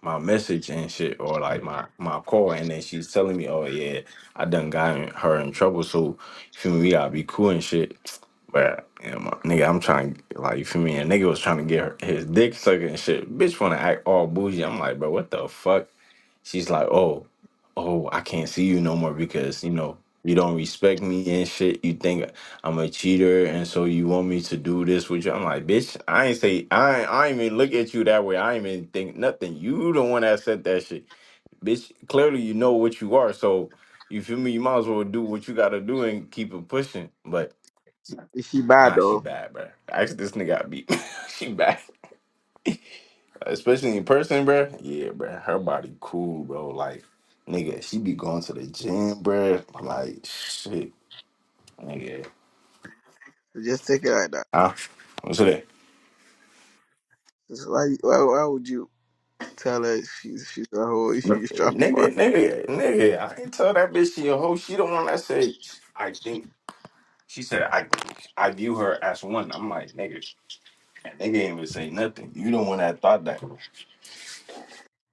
my message and shit or like my my call and then she's telling me oh yeah i done got in- her in trouble so you feel me we gotta be cool and shit but yeah, my, nigga i'm trying to, like you feel me A nigga was trying to get her his dick sucked and shit bitch want to act all bougie i'm like bro what the fuck she's like oh oh, I can't see you no more because, you know, you don't respect me and shit. You think I'm a cheater and so you want me to do this with you. I'm like, bitch, I ain't say I ain't, I ain't even look at you that way. I ain't even think nothing. You the one that said that shit. Bitch, clearly you know what you are. So you feel me? You might as well do what you gotta do and keep it pushing. But
Is she bad
nah, she
though?
bad, bro. Actually, this nigga got beat. she bad especially in person, bruh. Yeah, bruh. Her body cool, bro. Like, nigga, she be going to the gym, bruh. Like, shit, nigga.
Just take it like that.
Huh? What's that?
Why, why, why would you? Tell her she's she's a hoe. She's a
Nigga,
fuck.
nigga, nigga. I ain't tell that bitch she a hoe. She the one that said, I think. She said, I I view her as one. I'm like, nigga, that nigga ain't even say nothing. You the one that thought that.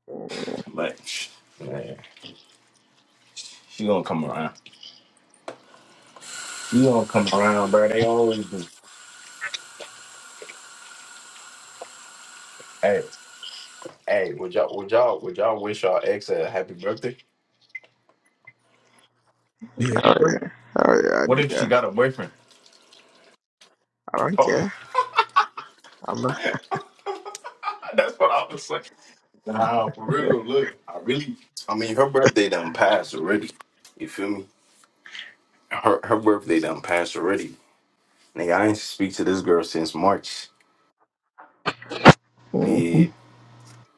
Mm,
But, man, she gonna come around. She gonna come around, bruh. They always do. Hey, would y'all would y'all would y'all wish y'all ex a happy birthday?
Yeah,
Oh
What
yeah, oh yeah, I
What
do
if she
that.
got a boyfriend?
I don't
Oh,
care. I'm not.
that's what I was saying. Nah, for real. Look, I really. I mean, her birthday done passed already. You feel me? Her her birthday done passed already. Nigga, I ain't speak to this girl since March.
hmm
Yeah,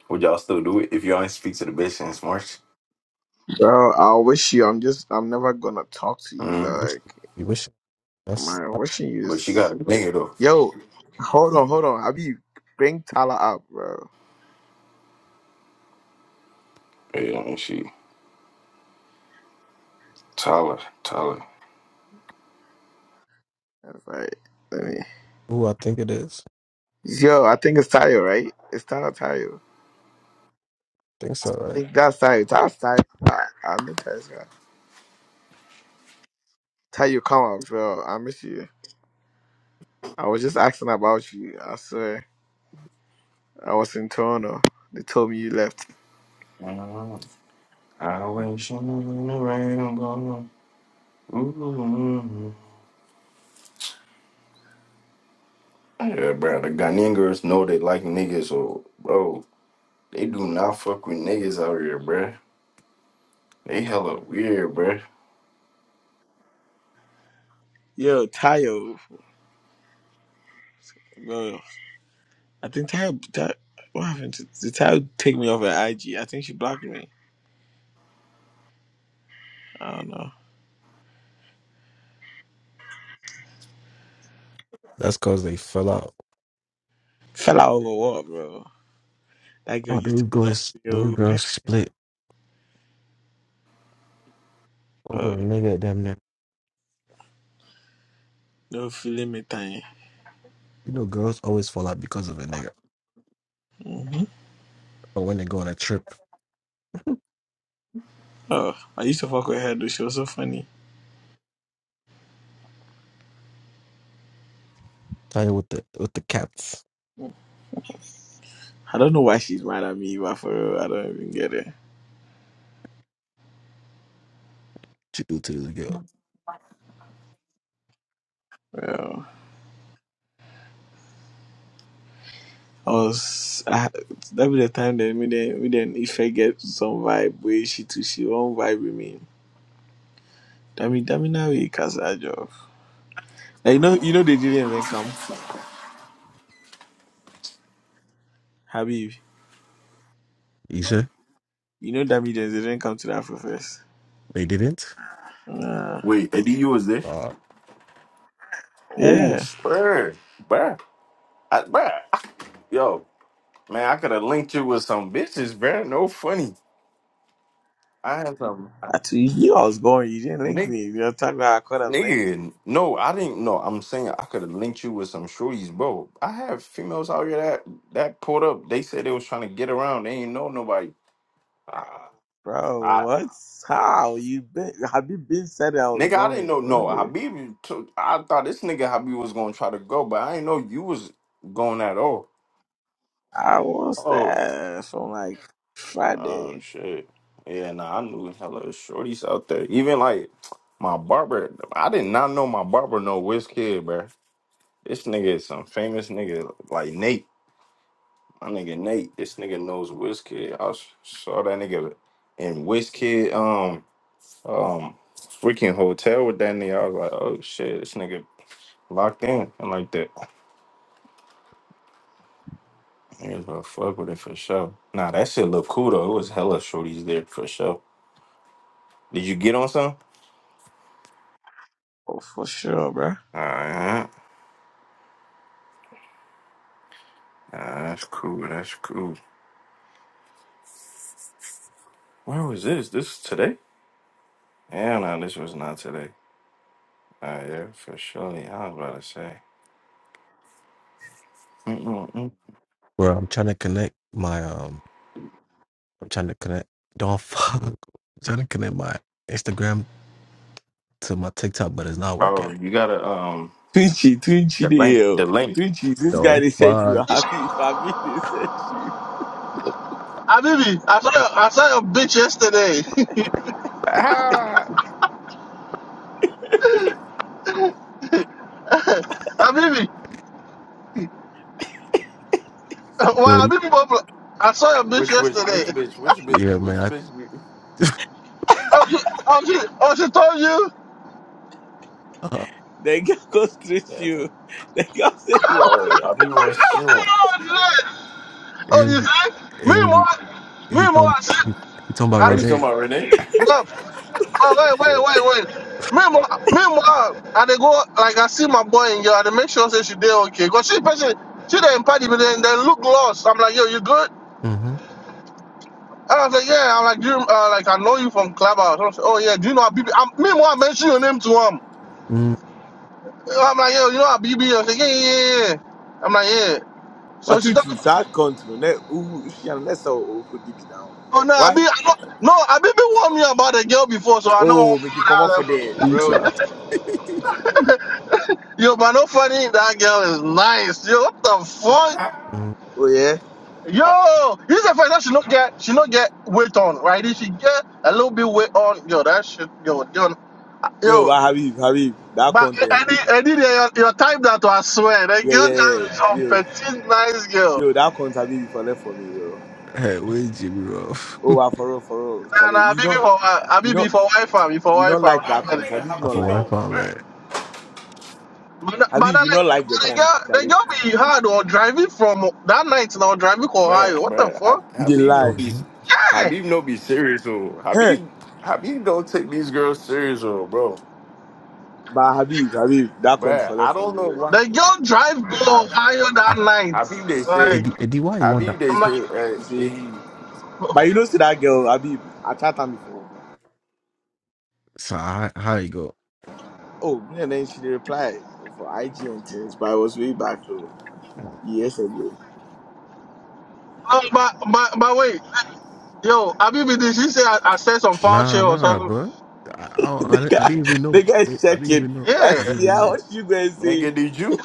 would y'all still do it if y'all ain't speak to the bitch since March?
Bro, I wish you. I'm just. I'm never gonna talk to you. But
Mm.
like,
you wish
I'm
that's
not wishing you.
But she got
Is,
a nigga though.
yo, hold on, hold on. Have you bring Tyler up, bro?
Yeah, I mean, she Tyler, Tyler.
That's right. Let me.
who I think it is.
Yo, I think it's Tayo, right? It's Tyler Tayo. I
I think so, right?
think that's Tayo. That's Tayo. I, I'm the Tayo's guy. Tayo, come up, bro. I miss you. I was just asking about you. I swear. I was in Toronto. They told me you left.
I wish you knew the rainbow. mm Yeah, bro. The Ghaningers know they like niggas, so bro, they do not fuck with niggas out here, bro. They hella weird, bro.
Yo, Tayo. Bro, I think Tayo. Tayo what happened? To, did Tayo take me off her IG? I think she blocked me. I don't know.
That's cause they fell out.
Fell out over what, bro? That girl
Oh,
used to
those
block
girls,
me.
those
Yo.
girls split over a
Oh,
nigga. Damn near.
no feeling me time.
You know, girls always fall out because of a nigga.
hmm
Or when they go on a trip.
Oh, I used to fuck with her though. She was so funny.
Tell you what the what the cats
I don't know why she's mad at me, but for real, I don't even get it.
to do to this girl.
Well, I was I, that be the time that me then me then if I get some vibe where she too she won't vibe with me. Dami Dami na we Kasajov. Now, you know you know they didn't even come. Habib.
You sure
You know Dami they didn't come to the Afro Fest.
they didn't?
Uh,
Wait, ADU was there?
Uh,
Oh,
yeah.
sure, bruh. I, bruh. I- Yo, man, I could have linked you with some bitches, bruh. No funny. I had some I,
I told you, you knew I was going, you didn't link
nigga,
me. You're talking about I could have linked you.
nigga. No, I didn't. No, I'm saying I could have linked you with some shorties, bro. I have females out here that that pulled up. They said they was trying to get around. They ain't know nobody. Ah,
Bro, what? How? You been Habib been said I was
Nigga, I didn't
going.
know. No,
Okay.
Habib. Took, I thought this nigga Habib was gonna try to go, but I didn't know you was going at all.
I was
Oh,
there from like
oh
Friday.
shit. Yeah, nah, I knew hella shorties out there. Even like my barber, I did not know my barber no whiz kid, bro. This nigga is some famous nigga like Nate. My nigga Nate. This nigga knows whiz kid. I s- saw that nigga in whiz kid um um freaking hotel with that nigga. I was like, oh shit, this nigga locked in and like that. Yeah, bro, fuck with it for sure. Nah, that shit look cool though. It was hella shorties there for sure. Did you get on some?
Oh for sure, bro.
Alright. Nah, that's cool. That's cool. Where was this? This is today? Yeah, no, this was not today. Uh, yeah, for sure. Yeah, I was about to say. Mm-mm-mm.
bro, I'm trying to connect my um. I'm trying to connect. Don't fuck. I'm trying to connect my Instagram to my TikTok, but it's not working.
Oh, you gotta um
Twinchy, Twinchy
the link.
the
The
hell.
link.
Twinchy, this guy
Don't
they sent you.
fuck.
Habib,
Abibi,
Habib they sent you.
I saw your, I saw your bitch yesterday.
Ah,
Abibi, why
Yo,
Abibi Bobo? I saw your bitch
which which which
yesterday.
bitch? Which bitch?
yeah, man.
Which bitch? you-
Oh, she, oh, she, oh, she told you?
I, uh,
The girl go straight
Yeah, that's
you.
all.
The girl say you want.
Oh, I be one soon.
Oh, yeah. Oh, you
AMG,
see? Me
AMG,
more,
he
me more,
talking
I see.
he, he talking about
Are
I,
you
Renee.
talking about Renee?
no. Oh, wait, wait,
Yeah.
wait, wait. Me more, me more, I dey go, like, I see my boy in here, I dey make sure say she did okay. Because she, person, she did in party, but then they look lost. I'm like, yo, you good?
Mm-hmm.
I was like, yeah, I'm like, do you, uh, like I know you from Clubhouse. I was like, oh yeah, do you know Abibi? I'm, meanwhile, I mentioned your name to him. I'm like, yo, you know Abibi? I was like, yeah, yeah, yeah. yeah. I'm like, yeah. So
But
she
you
talking.
think that country, no, ne, who she and Nessa or could be now?
Oh no, Abibi,
Why?
I know, no, Abibi warned me about the girl before, so I know
Oh, make you come
that
up for
level.
there, bro.
Mm,
Yo, but no funny, that girl is nice. Yo, what the fuck?
Mm.
Oh yeah.
Yo, he's the fact that she not get, she not get weight on, right? If she get a little bit weight on, yo, that shit, yo, yo,
Yo,
yo.
but Habib, Habib, that
But
content.
any any day your, your time that was swear, the
Yeah,
girl
yeah, yeah.
just some
Yo,
petite nice girl.
yo, that content Habib for left for me, bro.
Hey, where Jimmy Ruff?
Oh, wow, for real, for real,
Nah,
Charlie.
nah,
You
be
don't,
for I
you
be
don't,
for wife am, for
you don't
wife am.
like
Not
Man,
that
that
funny.
content.
nigga
Habib
I
not
Habib
for
like
wife
the
don't
all
content.
man.
that.
But na- but na
Habib, you
like
not
but
like the
the
content,
girl, the
Charlie.
girl be hard or driving from that night now driving to
Man,
Ohio. What the
man, Ha-
fuck?
You did
Habib no
lie.
be
Mm-hmm.
Yeah,
Habib no be serious though.
Hey,
Habib Habib don't take these girls serious though, bro.
but Habib, Habib, that content
Man,
for
I
left for
don't
me,
know
bro.
why.
the girl drive go
I
Ohio that
Ah,
night.
Habib they say
Like
Eddie, Eddie, why you want that?
Habib they
I'm
say
like,
uh,
You see.
hey,
But you
oh,
know, see that girl, Abib, I chat her before.
So how, how you go?
Oh, me and then she did reply for IG and things, but I was way back though,
Mm.
years ago.
but but but wait, yo, I be did she say I, I said some foul shit
Nah,
or
nah,
something?
bro. I, I,
the
I, didn't- I
guy,
didn't even know.
the guy is
Wait, I didn't
checking.
even know.
I
I
Yeah.
didn't
see
even
how
know.
what you going to say,
nigga did you?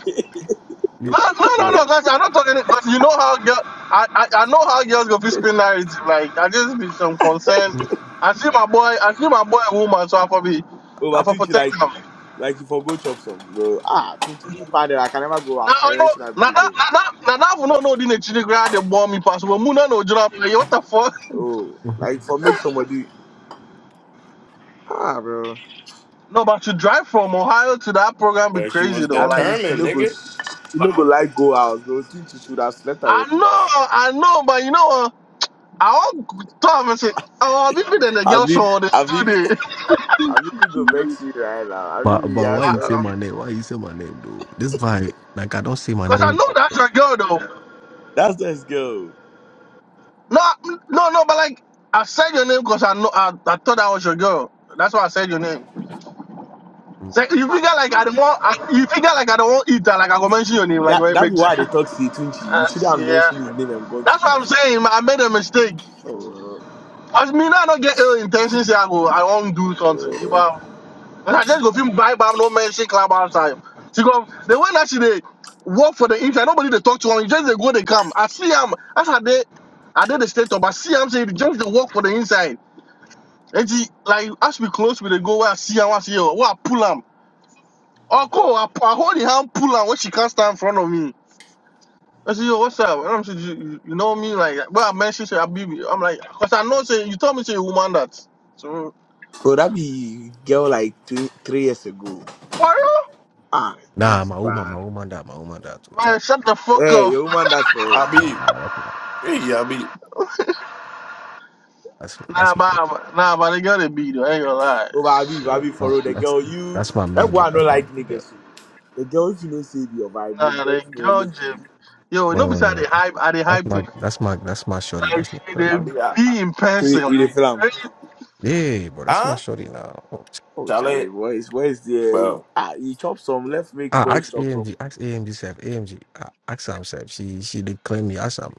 Yeah,
No, no, no,
yeah.
no. That's, I'm not talking. But you know how girl, I, I, I know how girls go fit spin narrative. Like I just be some concern. I see my boy. I see my boy a woman, so I for be,
oh, but
I
I
for
think you
protect
like,
him. Now
like you forgot chop some, bro. Ah, I think you pardon, I can never go out. I
I know.
mentioned Abib
Now that,
again.
now that, now that for no no didn't chili grad they bomb me pass. Well, Muna no job. Like, what the fuck?
Oh,
hmm
like for make somebody, ah, bro.
No, but to drive from Ohio to that program be
Uh, she
crazy
was
though.
That
Like
means she
determined,
no go,
nigga.
she no go
Wow.
like go out, bro. Think she should have slept at your
I know,
place.
I know, but you know what? I all thought and say, oh, I've been with the girl
Abib,
show the
Abib,
studio.
Abib go vex you right now.
But
Abib,
but
yeah,
why you
sorry.
say my name? Why you say my name, dude? This vibe, like I don't say my
Because I
name.
know that's your girl though.
That's let's go.
No, mm, no, no. But like, I said your name because I know I, I thought that was your girl. That's why I said your name.
Mm.
So you figure like I don't want. I, you figure like I don't want eat that. Like I go mention your name. Like
That
make
that's
make
why they
Jimmy.
talk to Twinchi. You
Uh,
should have mentioned his
yeah.
name and gone to
That's what I'm
it.
saying. I made a mistake.
Oh,
As me now, I don't get ill intentions. Say I go. I won't do something.
uh,
You know. but I just go film buy bye. No mention club outside. She go. The way that she dey work for the inside. Nobody they talk to her. You just they go. They come. I see them. That's how they. I did the state up. I see I'm saying just they work for the inside. nti like as we close we dey go where i see and where i see Yo, where i pull am uncle i, pu- I hold the hand pull him, when she can not stand in front of me i say yo what's up and i'm say you, you you know me like where i mention say abibi i'm like because i know say you told me say you woman that so
bro, that be girl like tw- three years ago.
for you?
Ah,
Nah,
Twinchi,
my woman,
bah.
my woman, that My woman, man died too,
man
child.
shut the fuck
Hey,
up
your woman that's for it.
Nah,
Habib,
that's my
hey Habib,
that's that's
nah
my
but nah but they gotta be. though ain't gonna lie
Oh, but Abi,
yeah,
Abi,
no,
follow the
that's
girl. You
that's my
that
main
boy
gift.
no
That's my
like
yeah.
niggas. So. The girl, if you know, say be your vibe. Me
nah
boy,
they
if you know,
girl
make you.
jim yo no beside
Uh,
the hype Are dey
that's
hype
my
thing
that's my that's my shorty.
like
That's my
she
shorty. Though.
Habib, I, I,
be in
So you,
person
you the film.
like
Yeah, bro, that's my
huh?
shorty now.
Oh, Charlie,
Charlotte,
boys, boys, there.
bro.
Ah, you chop some. Let's make
Ah, ask
boys chop some.
AMG, ask AMG self, AMG, ah, ask Sam self. She she did claim me. Ask Sam.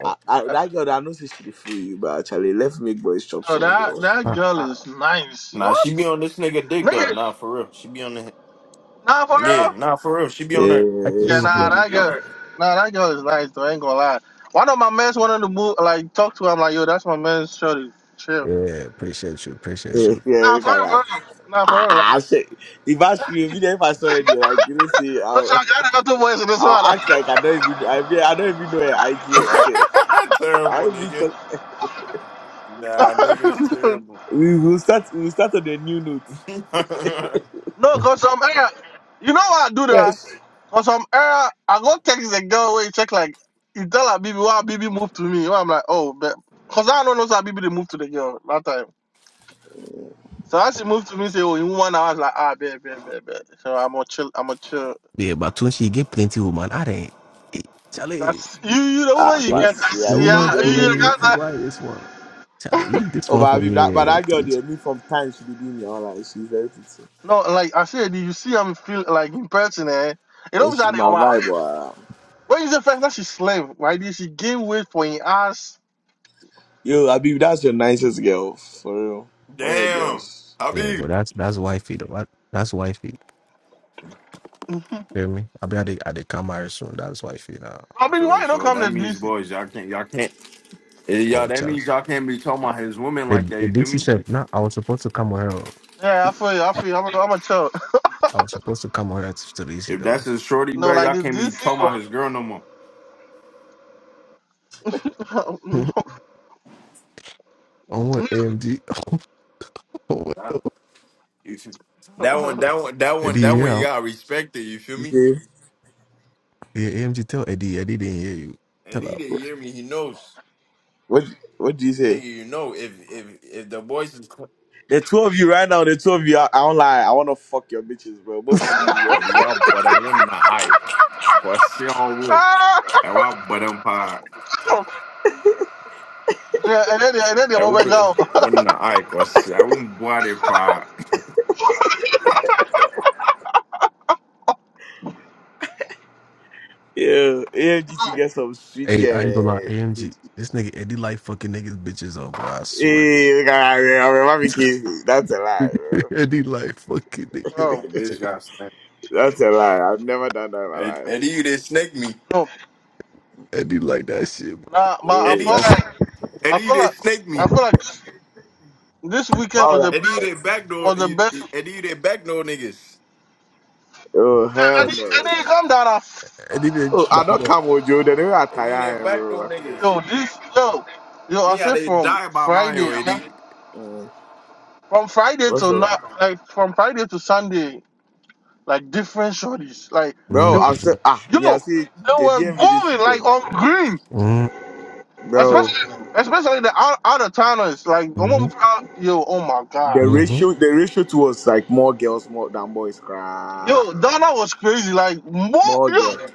Oh,
I, I, that girl, I know say she dey feel you, but actually, let's make boys chop
Yo,
some.
that
Bro.
that
ah,
girl is nice.
Nah,
What?
she be on this nigga dick though.
Nigga,
Nah, for real, she be on the
nah for real?
yeah. Nah, for real, she be on her.
ask
Yeah,
Yes, yeah,
nah,
AMG.
that girl, nah, that girl is nice. Though I ain't gonna lie. One of my mans wanted to move, like talk to him. Like, yo, that's my man's shorty. Chill.
Yeah, appreciate you, appreciate you.
yeah,
Nah,
look
for
at
real, for
that.
real. Nah, for
Ah,
real. Like,
ah, I say, if I should even if I saw it, like you know, see,
look,
I'll,
I gotta go two boys in this
I'll act like I don't even, I mean, I don't even know her IG. or Say,
terrible,
I'll be
nigga.
talk.
Nah, nigga is
one.
terrible.
We will start. We will start on the new note.
no,
Mm.
cause some era, you know why I do that?
Fresh.
Cause some era, I go text the girl where you check like, you tell her, baby why baby moved to me? I'm like, oh, but, cause I don't know, so baby they moved to the girl that time. So as she moved to me, say, "Oh, in one hour," I was like, "Ah, bad, bad, bad, bad." So I'm gonna chill. I'm gonna chill.
Yeah, but when she get plenty woman, I didn't. eh, Charlie,
That's you. You the woman
Ah,
you
the
can't
class. Yeah, you
see.
woman
ah,
you
You, you
over here.
plenty.
can't.
Why
ah.
this one? Charlie, leave this
Oh, but
one
I
for
mean, that,
me.
but
eh,
that girl,
please.
there, me from time she did me online. She's very pretty,
No, like I said, you see, I'm feel like in person. Eh, it
and
always
she's
had
my vibe.
overhype.
Wow.
When you say first that she slim, right? She gain weight for her ass.
Yo, I mean, that's your nicest girl for real. All your
Damn.
girls.
Yeah,
Habib.
but that's that's wifey though. That- That's wifey. Feel me? I be at the at the come marry soon. That's wifey now.
I mean, why
So
you don't
so
come to
that means
DC?
boys, y'all can't y'all can't eh, y'all
Oh
that
Charlie.
means y'all can't be talking about his woman like
The
that,
the
you feel
DC
me?
chef, now I was supposed to come with her. oh.
Yeah, I feel you. I feel you. I'm, a- I'm a chill.
I was supposed to come with her to to DC
If that's
though.
his shorty,
No,
bro,
like
y'all
the
can't be
DC
talking about
was.
his girl no more.
On what AMG? Oh,
Nah, you feel That one, that one, that one,
Eddie, you
that
hear
one you
out.
gotta respect it, you feel
You
me?
say,
Yeah, AMG tell Eddie, Eddie didn't hear you. Tell her.
Eddie didn't hear me, he knows.
what? What do you say?
Nigga, you know, if if if the boys is quiet,
The two of you right now, the two of you, I, I don't lie. I want to fuck your bitches, bro. Both
like
of you, bro.
you are but I want to I question.
Ah!
ɛwɔ abɔ dɛm paa
yeah, and then they, and then they went
ɛwo
back
bɛ
down.
wo na ayɛ kɔse ɛwo mboa de paa
Yeah, AMG to get some sweet
Hey, I
girl.
ain't gonna lie,
eh.
AMG. This nigga Eddie like fucking niggas bitches up, bro. I swear.
Hey, look at that, man. I'm a mommy kid. That's a lie, bro.
Eddie like fucking niggas
na
um,
bitches.
bɛhyɛ asɛn
that's a lie. I've never done that in my
Ed- Eddie,
life.
you they snake me.
no,
Eddie like that shit,
Nah, but I feel
Oh,
Eddie,
that's,
like I
Eddie, you
feel
they
like
snake
I
me.
feel like this, this weekend
why
was
would I
the
do
Eddie, you
that?
best
they backdoor.
was the
You,
best.
Eddie, you they backdoor niggas.
Oh,
I
bro.
I,
hell
didn't I
no.
didn't come down. I,
I didn't
Oh, I
back
don't
up.
come with you. Then I
Eddie, you they
tire, bro.
backdoor
I couldn't. I
niggas.
yo,
couldn't.
this yo, yo. I
Me, I
said
they
from
die by mine,
Friday,
yo,
I mean,
Eddie.
Uh,
from Friday
what's
to
up?
not like from Friday to Sunday, like different shorties, like they
Bro,
were,
I'm still,
Mm,
ah, me, I
yo,
see
they
the
were
DMV this
going like
weekend.
on green,
mm,
Bro.
especially especially the out, out of towners. Like,
mm,
um, yo, oh my god.
The
hmm
ratio, the ratio to us like more girls more than boys. Crap.
Yo, Donna was crazy. Like, what?
More girls.
Yo,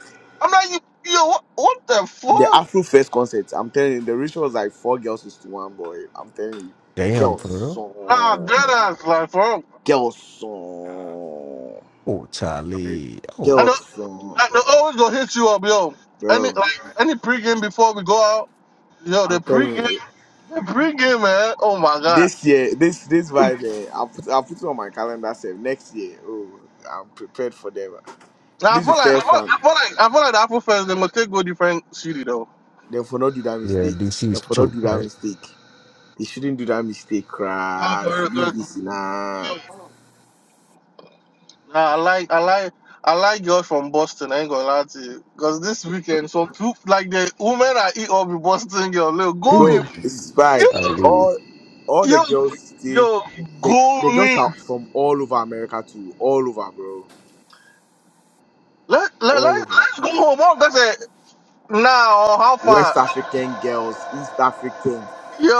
I'm like, you, yo, what, what the
The
fuck?
Afro First concert, I'm telling you, the ratio was like four girls is to one boy. I'm telling you,
Damn, for
girls
real.
Nah, dead
song,
ass, like, for
girls
Nah,
song,
Oh,
I-
Charlie.
I
Oh,
know,
girls song,
I know, always gonna hit you up, yo. Any,
bro.
like, any pregame before we go out, yo, the
I'm telling
pregame,
you,
the pregame, man. Oh my god.
this year, this this vibe, eh, i put i put it on my calendar. Save next year. Oh, I'm prepared for them.
Now I
This
feel
is the
like, I
first
feel,
one.
I feel like, I feel like the Apple fans they must take go different city though.
They for not do that
yeah,
mistake.
DC
They
is
for not
choked,
do that
right?
mistake. They shouldn't do that mistake,
Nah,
crap.
for
It
real, 'cause-
Shouldn't be seen, ah.
nah, I like, I like. I like girls from Boston. I ain't gonna lie to you, cause this weekend, some people like the women I eat up with Boston girl. Look, go in.
Bro, it's
Mm,
You,
spy.
Charlie.
All all the
you,
girls stay.
you're
The the girls
going.
are from all over America too. All over, bro.
Let, let, let,
All over.
let's go home. Mom, that's it. Now, how
West
far?
African girls, East African,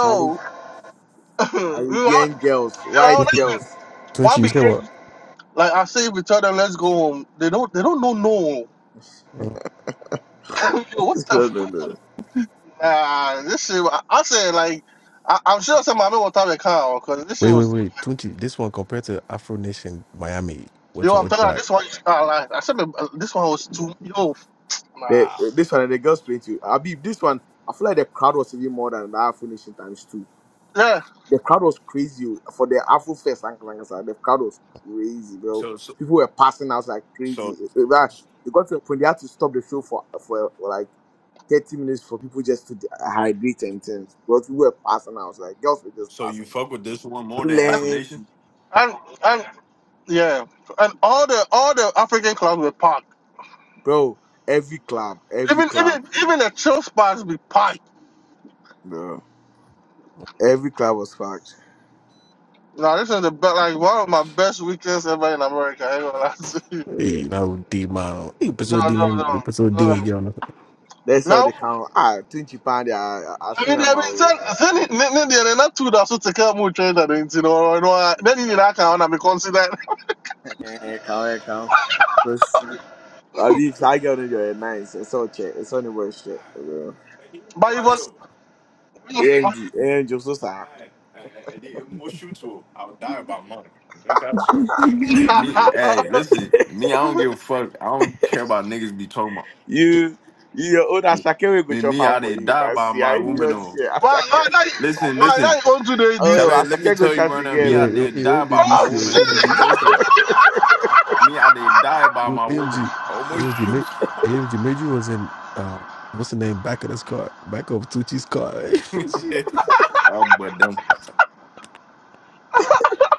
Charlie,
you
Caribbean girls, white
know,
girls.
Twinkie,
one
you said
became,
what?
like, I say, we tell them, let's go home. They don't, they don't know no.
Mm.
Yo, what the
no, no,
fuck?
no.
Nah, this shit, I, I said, like, I, I'm sure some mommy will have a car, because this shit
Wait, wait,
was,
wait. Twinkie, this one compared to Afro Nation Miami. What's
yo,
one?
I'm
Which
telling you,
part?
this one, I, like, I said, uh, this one was too, yo, nah.
The, this one, the girls playing too. Abib, this one, I feel like the crowd was even more than that Afro Nation times two.
Yeah,
The crowd was crazy oh. for the Afro Fest. like- like I said, The crowd was crazy, bro.
so, so,
People were passing out like
so,
crazy. It, it- like, it got to a point they had to stop the show for for like thirty minutes for people just to de- hydrate and things. Because people were passing out, like girls were just
so
passing
you
out.
fuck with this one more than
and,
Afro
Plenty,
Nation?
and, and Yeah, and all the all the African clubs were packed.
bro. Every club, every
Even
club,
even even the chill spots be packed.
bro. Every club was packed.
Now this is the best, like one of my best weekends ever in America. I ain't gonna lie to you.
Yeah.
Hey, now was D-Man. Hey,
No,
episode
no,
D-Man.
no,
Episode
no.
D-Man, get on the
That's how
Now,
they count. Ah, twenty pound. I
I
assume
mean,
I'm
I mean,
out.
then then it- then then they're not too that so take care of more trade that you know. you know. uh, then in that account I be considered.
Eh, count, eh, count. Abi if I get on your nice, it's all check, it's only worth shit, bro.
Alright. Eddie,
But even
bus.
Mario.
ANG, ANG, so sad.
Hey, hey, hey, Eddie, I'm more shoot to. I'll die by mine. Drink out, Me, hey, listen, me, I don't give a fuck. I don't care about niggas be talking about
You, you your own
me.
Ashake will go
Me,
chop
me, I
am for
did
you,
die
but
by
see,
my
I if you
woman.
don't
Or
share
why
Ashake.
why not
listen,
why
listen,
not you own today this?
tell
Oh,
it. Let me
Ashake go
tell you
chat
right now. Me, I
Yeah,
again.
he
did
he
die
the
by my
Oh
DC. oh, He
woman.
shit!
the
Cause
DC.
listen,
If
me, I did die by
Yo,
my
AMG,
woman. Almost
made, Ma-
shoot.
AMG Major was in uh, what's the name? Back of this car, back of Tucci's car. She,
I'm but them.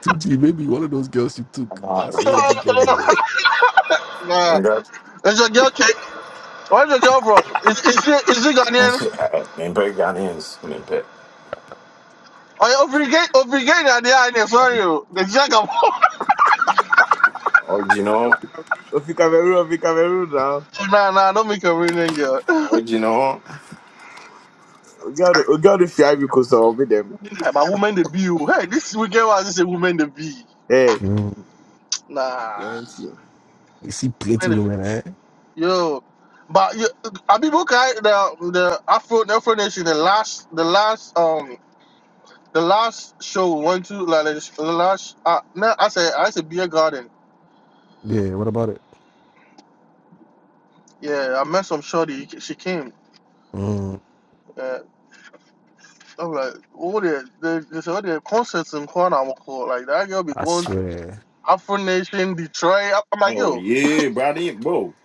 Tucci, maybe one of those girls you took.
Uh,
That's AMG girl. man.
I
nah,
got
it's your girl. Where's the girl from? Is, is she is she
and
Ghanaian?
she and pay Ghanaians and then pay.
Oh, yeah, obligate, obligate, and yeah, and sorry,
Oh,
you. The jack of
you know,
you Cameroon, if you Cameroon now,
Nah, nah, don't make a real girl.
oh,
hey,
you know.
we got the, we got the fear because of with them.
but woman the bee, oh. hey, this weekend was just a woman the bee.
Hey,
Mm.
Nah,
plenty.
You see plenty
woman the
women, eh?
yo. But you, Abibu Kai, the the Afro the Afro Nation, the last the last um the last show we went to, like the sh- the last uh, no, I said I said beer garden.
Yeah. What about it?
Yeah, I met some shorty. She came.
Mm,
Uh, I'm like, what the the they said, the concerts in Corner cool. Like that girl be
I
going to
swear,
Afro Nation, Detroit. I- I'm like,
Oh
yo.
yeah, bro, they, bro.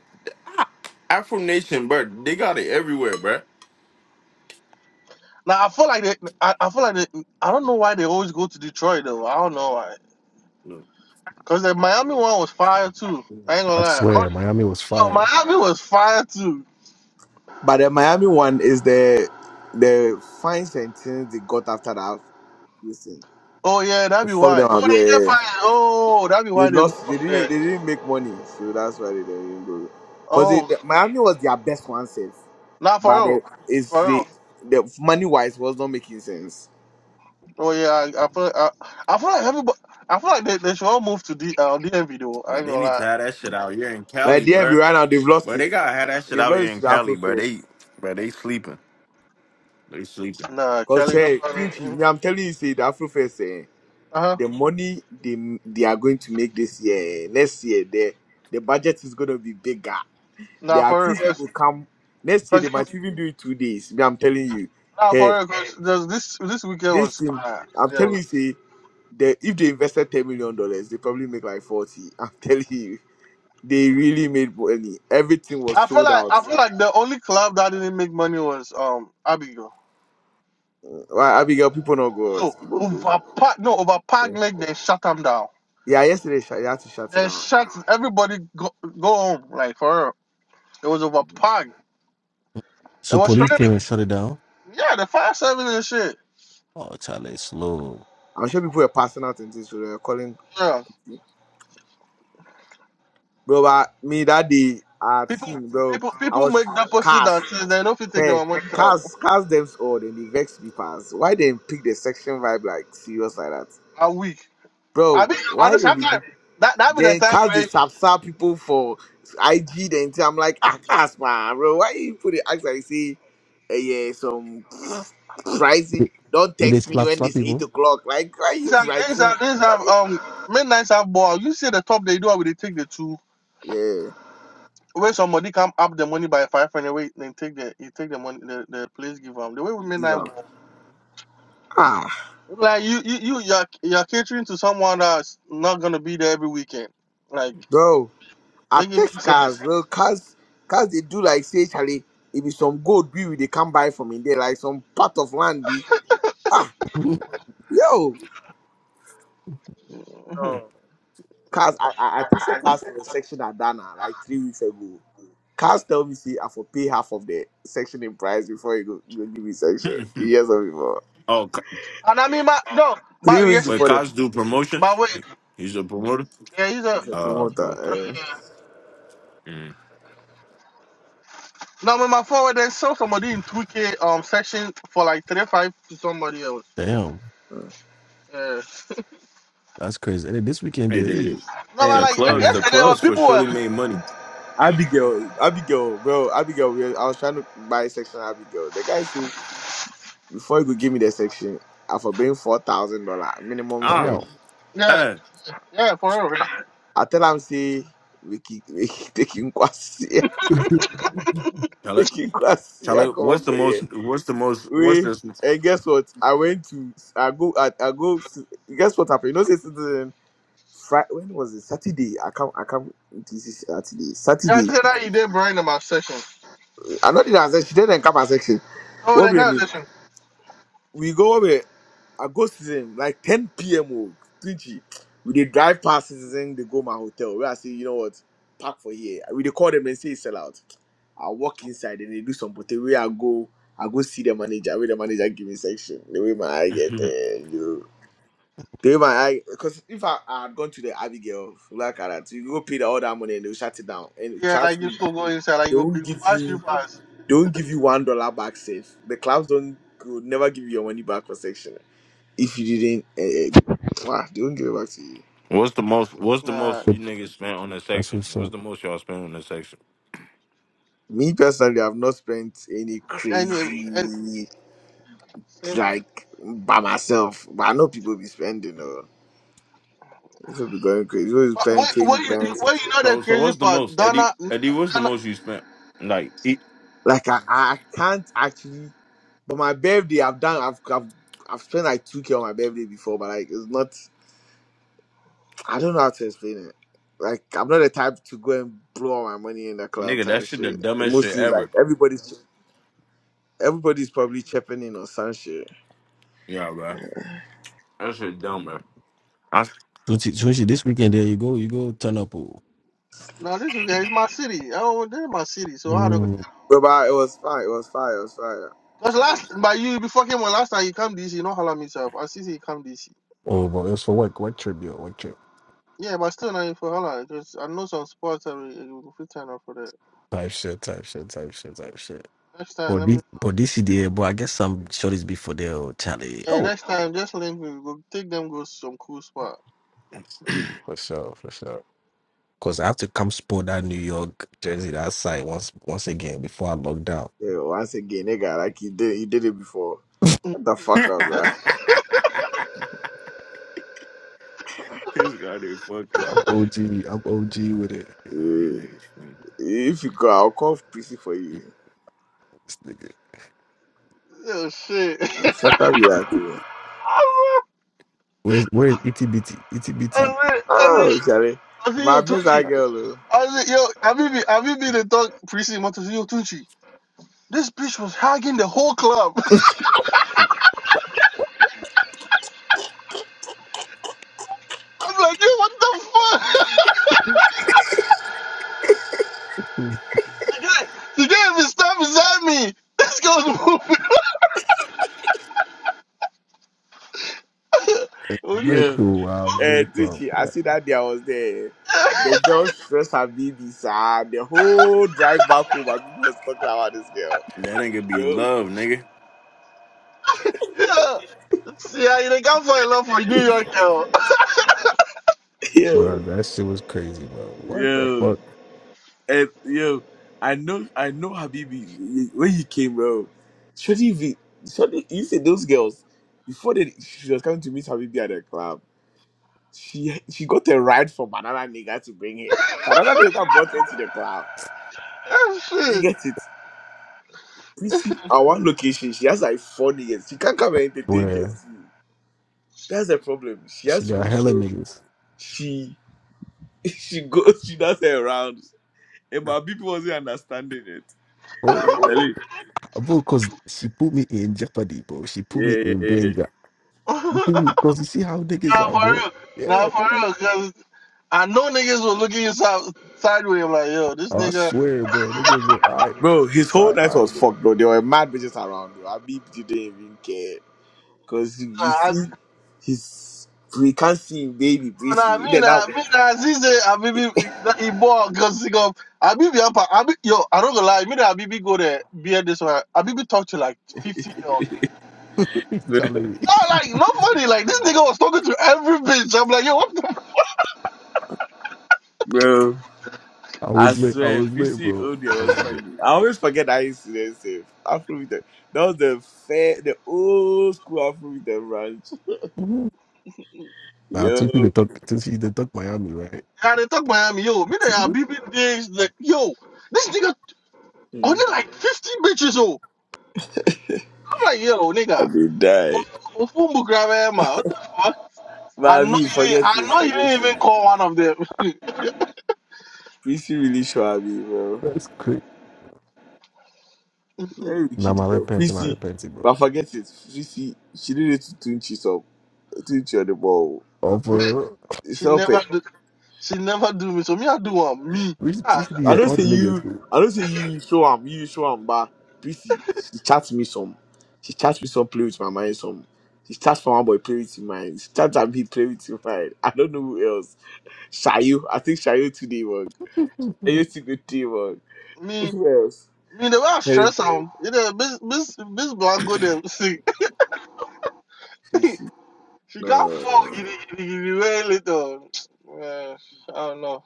Afro Nation, bro. They got it everywhere, bro.
Now I feel like they, I, I feel like they, I don't know why they always go to Detroit though. I don't know why. Cause the Miami one was fire too. I ain't gonna
I
lie. Oh,
swear, Miami was
no,
fired.
Miami was fire too.
But the Miami one is the the fine sentence they got after that. Listen,
Oh yeah, that'd
they
be
fucked
why.
them
Oh,
up. Yeah,
they
yeah.
get
yeah.
fired. Oh, that'd be
They
why they moved
lost.
from
They didn't.
there.
They didn't make money, so that's why they didn't go. Cause it,
Oh,
Miami was their best one safe,
not for
but the
real.
is
For
the
real.
the money wise was not making sense.
Oh yeah, I, I feel, like, I, I feel like everybody. I feel like they, they should all move to D, uh, DMV though. I
But
ain't
they
gonna
need to
lie.
have that shit out here in
But at
Cali,
the end, we
bro.
ran out. They've lost
But
it.
they gotta have that shit
They've
out
lost
here
it to
in
the
Cali, but
Afrofest.
they, but they sleeping. They sleeping.
Nah,
Cause
Kelly, no.
hey, Quincy,
Uh
me, I'm telling you, say the Afrofest, eh,
huh.
the money they they are going to make this year, eh, next year, the the budget is going to be bigger. The
Nah, for real,
artists
cause,
will come next year. They
cause you,
might even do it two days. Me, I'm telling you,
nah, for
hey,
real, cause this this this weekend
this
was
thing,
fire.
I'm
Yeah,
telling you, say. They, if they invested ten million dollars, they probably make like forty. I'm telling you, they really made money. Everything was
I feel
sold
like
out.
I feel like the only club that didn't make money was um Abigail.
Why Abigail? People not go out.
So
People go.
overpack, no
Yeah,
overpack, like they shut them down.
yeah yesterday sh- they had to shut it
They
down.
shut everybody go go home. Like for real, it was overpack. It
So
was
police
straight.
came and shut it down.
Yeah, the fire service and shit.
Oh, Charlie, it's slow.
I'm sure people were passing out and things. So they were calling.
Yeah,
Bro, but me that day I had
people
seen, bro.
people
I
people
was
make deposit
cast.
until they don't fit take
Hey,
their money out
cast, cast them all. Then they vex me pass. Why they pick the section vibe like serious like that,
a week. I
bro?
mean,
Why
honestly,
did
I'm
they?
not. That that be the
Then
time
cast the
where
Sapsa people for IG. Then I'm like, ah, cast man, bro, why you put it? As I say, eh, yeah, some crazy.
Did
Don't
did they
text me
slap
when
slap
it's eight
people.
o'clock. Like, why
it's
you
a it's a
writing?
it's
Charlie?
um midnight have ball. You see the top they do it, with they take the two.
Yeah,
Where somebody come up the money by five and wait, then take the you take the money the, the place give them the way with
give
midnight
up.
ball.
Ah,
Like you you you you're, you're catering to someone that's not gonna be there every weekend. Like
bro, I
make it
text
make sense.
cars, bro. Cars, cars, they do like say, Charlie, it be some gold be we they come buy from in there, like some part of land be. Ah, yo,
Mhm.
no. Cars, I, I, I tested cars for a section at Dana like three weeks ago. Cars tell me, see, I for pay half of the section in price before you go, go give me section. Years of before.
oh, Co-
And I mean my no,
Three
but
weeks
yes,
wait,
before the,
Cos do promotion?
but wait,
He- He's a promoter.
yeah, he's a.
he's a
Oh, okay, okay.
promoter.
Mm.
No, my forward then sell somebody in 2K um section for like 35 to somebody else.
Damn,
Eh. Uh.
Yeah.
that's crazy. And then this weekend
Hey,
they
they
eat.
did.
No, but
The
Eh.
like like
clubs,
Mm,
the
yesterday when
clubs for
people were
surely made money.
Abigail, Abigail, bro, Abigail, we- I was trying to buy a section at Abigail. The guy said, before you go give me the section, I for bring $4,000 minimum
Ah,
Damn.
spend.
Yeah.
eh.
Yeah, for real. yeah,
I tell him, see, we keep, we keep taking kwasi,
Tell it,
taking kwasi,
tell
I
it.
come
What's
up
the
for here.
most? What's the most? What's
we
this?
and guess what? I went to I go I, I go guess what happened? You know, say citizen Friday when was it? Saturday. I come I come this is Saturday.
I
Saturday.
said that you did bring about session.
I know the answer. She didn't come her section.
Oh,
What
the
we
kind
name?
session.
We go over. I go citizen like 10 p.m. oh, 20. We they drive past citizen, they go my hotel. Where I say, you know what? Park for here. We they call them and say it's sell out. I walk inside and they do some potato. Where I go, I go see the manager. Where the manager give me section. The way my eye get there. you. They might, I because if I, I had gone to the Abigail, like that, you go pay the, all that money and they'll shut it down. And
Yeah, like
trust
you
me,
still go inside, like
they
you
won't
you
give
pass you
you,
fast.
they won't give you one dollar back safe. The clubs don't, will never give you your money back for section if you didn't. Uh, wow, they won't give it back to you.
what's the most? What's the
Nah,
most you niggas spent on the
That's
section?
what's up.
What's the most y'all spent on the section?
Me personally, I've not spent any
and you- and
crazy
See?
like by myself, but I know people be spending or people be going crazy. People be
but
spending
what what
twenty
you
pounds.
what you know the
So so
crazy
what's the
part?
most Eddie
Donna,
Eddie, what's the
Donna
most you spent? Like e-
Like I, I I can't actually. But my birthday, I've done. I've, I've, I've spent like two k on my birthday before, but like it's not. I don't know how to explain it. Like I'm not the type to go and blow all my money in the club
nigga, that
type
shit the
shit.
dumbest shit
Mostly like
ever.
everybody's everybody's probably chipping in on some shit.
Yeah, bro. That shit dumb, bro. I s-
Twenty, twenty. This weekend, there you go. You go turn up. Oh,
no, this is it's my city. Oh, this is my city. So how do I
Mm.
But, but it was fine. It was fine. It was fine.
Cause
Charlie,
last but you before came on last time you come DC, you know holla me yourself. I see you come DC.
Oh, but it's for work, work trip, yo, work trip.
Yeah, but still not even for holla. Cause I know some sports every free time for that.
Type shit, type shit, type shit, type shit.
Next
for
time, let me.
this, for this year, but I guess some shorties be for there. Oh, Charlie.
And
Oh,
next time, just link me. We go take them go to some cool spot.
For sure, for sure. because I have to come sport that New York jersey that side once, once again before I lock down.
Yeah, once again, nigga, like you did, you did it before. Shut the fuck up, bruh.
this guy they
Yo,
fucking
I'm OG. I'm OG with it.
Nah, you
Yeah.
niggas funny.
If you go, I'll call PC for you.
This nigga.
Yo, shit.
Shut up, you have to.
I
Where's where's ETBT? ETBT.
said, I said, I
Oh,
said,
Shari.
I said,
My
yo,
miss that
Tunchi.
girl. oh.
I said, yo, Have you been? Have you been the dog precinct. I said, yo, Tunchi. This bitch was hugging the whole club. I'm like, yo, what the fuck? The guy, the guy even stopped beside me. This girl's
I'm
moving.
very
Yeah.
cool. I'm very
And
cool.
Tucci, I see that day I was there. The girl stressed her baby, sir. The whole drive back home, my people was talking about this girl.
That ain't gonna be
bro.
love, nigga.
yeah. See, I they got for a love for New York, yo.
yo,
Bro, that shit was crazy, bro. What the
yo,
fuck?
and yo. I know, I know, Habibi. When you came, bro, should even, should you see those girls before they, she was coming to meet Habibi at the club. She she got a ride from another nigga to bring her. So another nigga brought her to the club.
Oh,
You get it? Prissy, our one location, she has like four niggas. She can't come and entertain
Where
just you. That's the problem. She
she
has to
got
make
hella
sure
niggas.
she she goes, she does her rounds. And my people wasn't understanding it.
Bro,
But Charlie,
bro, cause she put me in jeopardy, bro. She put me
yeah, yeah,
in
yeah. yeah.
danger. You feel me?
shit.
Cause you see how niggas
Not
are,
for
bro.
real.
Yeah,
Not for
nigga.
real. Cause I know niggas will look at you side, sideways. I'm like, yo, this
Oh, I
nigga. Nah,
swear, bro. Niggas were alright.
Bro, his whole
Side
night
eye,
was fucked, bro. There were mad bitches around, bro. Abib didn't even care. Because you, you
I,
see, he's. We can't see him, baby,
oh,
Prissy.
nah,
In
me
and
nah,
out.
me nah. He said, I be be nah, he bought cause he go. I be be up. I be yo. I don't gonna lie. Me nah, I be be go there. Be at this one. I be be talk to like fifty girls.
nigga.
bro.
Charlie.
No, like no funny. Like this nigga was talking to every bitch. I'm like, yo, what the? f-
bro.
I
I
was lit. I
swear,
was lit,
PC
bro.
Odia
I was
was
lit.
funny. I always forget that incident. Safe Afrobeat. That was the fair, the old school Afrobeat and ranch.
Mhm. Nah, took you to
Yo,
talk. Took you to talk Miami, right?
Yeah, they talk Miami. Yo, me nah, I be be this. Like, yo, this nigga only
Mm.
like fifty bitches. Oh, I'm like, yo,
I
nigga.
did die.
Ufumbu grab Emma. What the fuck? I
But
know
Abi,
you didn't.
forget
I
this,
know you
forget
didn't
this.
even call one of them.
Fisi really sure Abi, bro.
That's crazy.
Very
Nah, my
wicked girl.
repenting, my
Fisi,
repenting, bro.
but forget it. Fisi, she did it to Tunchi so Tunchi on the ball.
Man,
Over.
It's
she
not
never
fair.
do. She never do me. So me, I do one. Me,
We should, we
ah,
should be
I
at
don't
all the
say
niggas,
you. I don't say you show am. You show am, but Prissy, she chats me some. She chats me some. Play with my mind some. She chats for my boy. Play with him mind. She chats at me. Play with him mind. I don't know who else. Shayo. I think Shayo today work.
too.
Shayo today today work.
me,
Who else?
me. The way I
Terry.
stress am, you know, Miss Miss Miss Blanco them sick.
Prissy.
she can't fall
No.
giddy giddy giddy very little. Man, I don't know.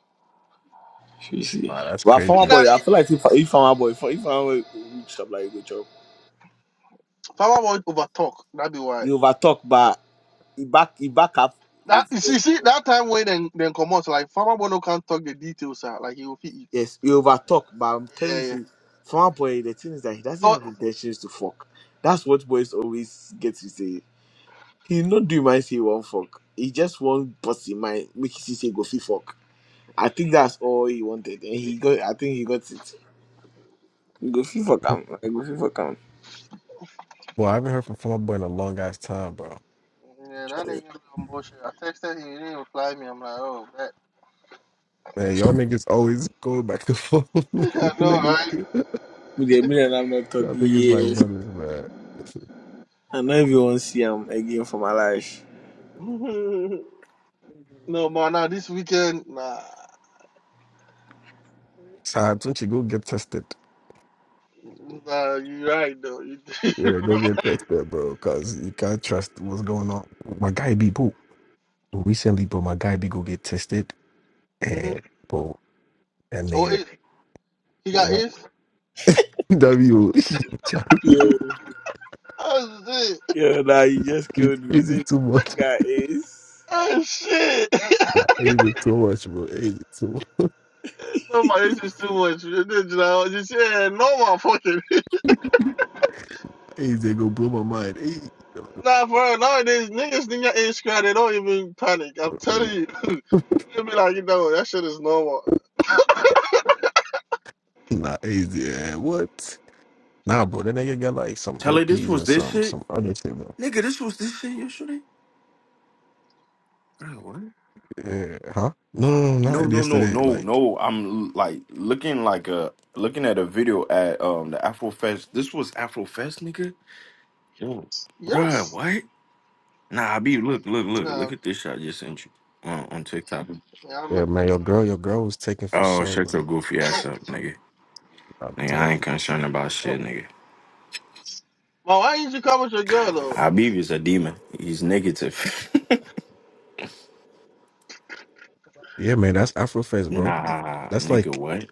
Prissy.
Nah, that's
But
crazy.
for
Me
my
na-
boy,
man.
I feel like if if for my boy, if, if for my boy looks up like a good job,
Farmer boy over talk. That be why.
you over talk, but he back he back up
That you see,
with.
see that time when then then come out like farmer boy no can talk the details ah, like he will fit it.
Yes, he overtalk, but I'm
Yeah,
telling
yeah.
you, for our boy, the thing is that he doesn't
Oh,
have intentions to fuck. That's what boys always get to say. He not do mind say he won't fuck. He just want bust in mind, make you say go fee fuck. I think that's all he wanted, and he got. I think he got it. Go fee fuck him. I go fee fuck him.
Well, I haven't heard from Fall Out Boy in a long ass time, bro.
yeah, that nigga was on bullshit. I texted him, he didn't reply me. I'm like, oh, that.
Man, y'all niggas always going back and forth. y'all
I
niggas,
With the million, I'm not talking
y'all niggas like
Yes,
brothers, man.
I not even want to see him again for my life.
know, right? no, man, now this weekend, nah,
Time, don't you go get tested?
nah, you right though. You,
Yeah, go get tested, bro. Cause you can't trust what's going on. My guy be boo. Recently, bro, my guy be go get tested,
hmm
and bro, that
Oh,
nigga,
it, he got
yeah.
Ace.
W, Charlie,
Yeah,
Oh shit!
yeah. Now you just
it's,
killed me.
it's
Say,
too much.
guys.
Oh shit!
I hate it so much, bro. I hate it so
no, my Ace is too much. You did, you know, just yeah, no more fucking.
much. Hey, they gonna blow my mind.
Nah, bro, nowadays niggas in your age crowd, they don't even panic. I'm
Hey.
telling you, they be like, you know, that shit is normal.
Nah, easy. Yeah, what? Nah, bro, that nigga got like some
Tell her this
herpes
was
and
this
some
shit?
some other shit, bro.
Nigga, this was this shit yesterday? Bro, what?
Yeah, huh? No, no, no,
No,
not
no, no,
yesterday.
no,
Like,
no. I'm like looking like a looking at a video at um the Afrofest. This was Afrofest, nigga. Yes. Bruh,
Yes.
what? Nah, B, look, look, look,
No,
look at this shot I just sent you on, on TikTok.
yeah,
yeah, man, your girl, your girl was taken for
Oh,
show,
shut
bro.
your goofy ass up, nigga.
I'm
Nigga, I
telling
ain't
you.
concerned about
I'm.
shit, nigga.
Well, why didn't you come with your girl though?
Habib is a demon. He's negative.
Yeah, man, that's Afrofest, bro.
nah,
That's
nigga,
like,
what?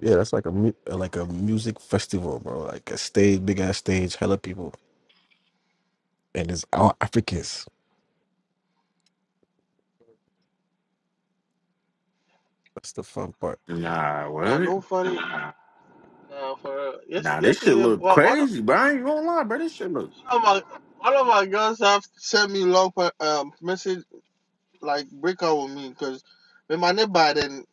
yeah, that's like a mu- like a music festival, bro. Like a stage, big ass stage, hella people, and it's all Africans. That's the fun part.
Nah,
Nah,
what?
no funny. Nah, for real. Yes,
Nah, this shit
yesterday,
look
well, one of
crazy, but I ain't gonna lie, bro. This shit look
one of my one of my girls have sent me long per- um message like break up with me because when my neighbor then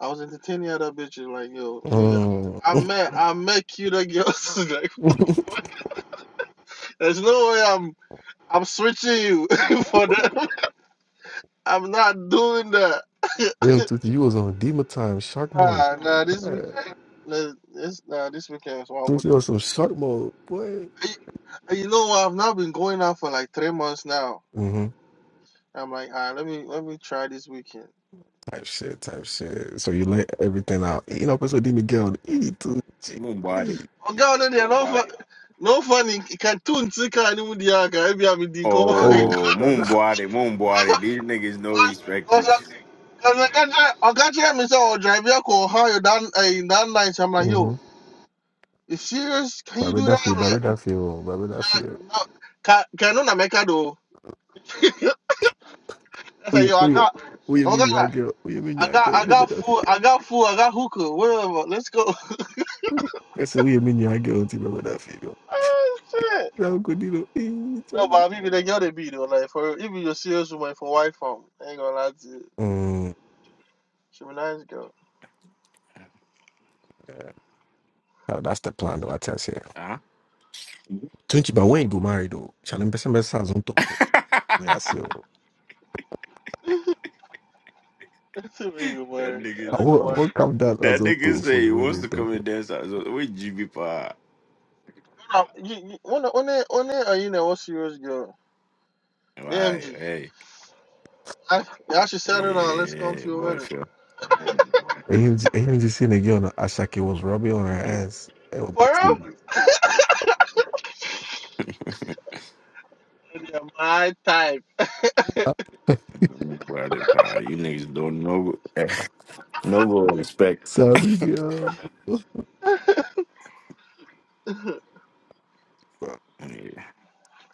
I was entertaining other bitches like yo nigga.
Mm.
I met I met cuter girls. like, there's no way I'm I'm switching you for them. I'm not doing that.
Damn, Tutu, you was on Dima time, Shark Mode.
Nah, nah, this
Yeah.
weekend. Nah, this nah, this weekend is wild for
Tutu, on
them.
some Shark Mode, boy.
Y- You know what? I've now been going out for like three months now.
Mm-hmm.
I'm like, ah, let me let me try this weekend.
type shit, type shit. So you let everything out. You know, pues dime qué onda. Y tú, sí,
Moonbody.
ay.
Oh God, no, they're Oh no wow. fun. Right. No funny. Can tune sika ni mudi aga. Ebi ami di ko. Cause
Oh,
Oh,
God.
moonbody, moonbody. These niggas no respect you.
I cause I can't try. I can't try myself or drive your car. How you done in that night? I'm like,
Mm-hmm.
yo, you serious? Can you
Baby,
do
that
that?
feel,
I'm
baby, that feel, baby, that
like,
feel.
no. Can can you not make it though? I said,
Oye,
yo, I
oye.
got.
Oye,
Oh
mi niña,
God,
girl. Oye, mi
I
niña,
got
girl.
I
Baby,
got
that
food. I got food. I got hookah. Whatever. Let's go.
feel. I said, oye, mi niña, girl. Ti, baby, that feel.
oh shit.
Now, good, you know. Eh,
No,
chale.
but people they girl they be though. Like for if you're a serious woman for wife um, I ain't gonna lie to you.
Mm.
She be nice girl.
Yeah. Now, that's the plan, though, I tell you.
Huh?
Tunchi, but when you go married, though, shall I be some as on top? We are
that
still.
That's a big word. I
nigga,
I
don't
say-
go
will, I
worry.
will come down as
that
on
nigga
top for
say
your
he wants to
wedding,
come and dance out. So, with GB Pod.
Um, you, you, One one day- one are you know what serious girl?
Right,
AMG.
hey,
I I should settle down. Let's come to
yeah,
your
boy,
wedding.
sure.
him, him just seeing a girl on Ashake was rubbing on her ass and was
For
backstage.
real? Yeah, my type.
Why they pie? You niggas don't know, no real respect.
So girl,
Yeah.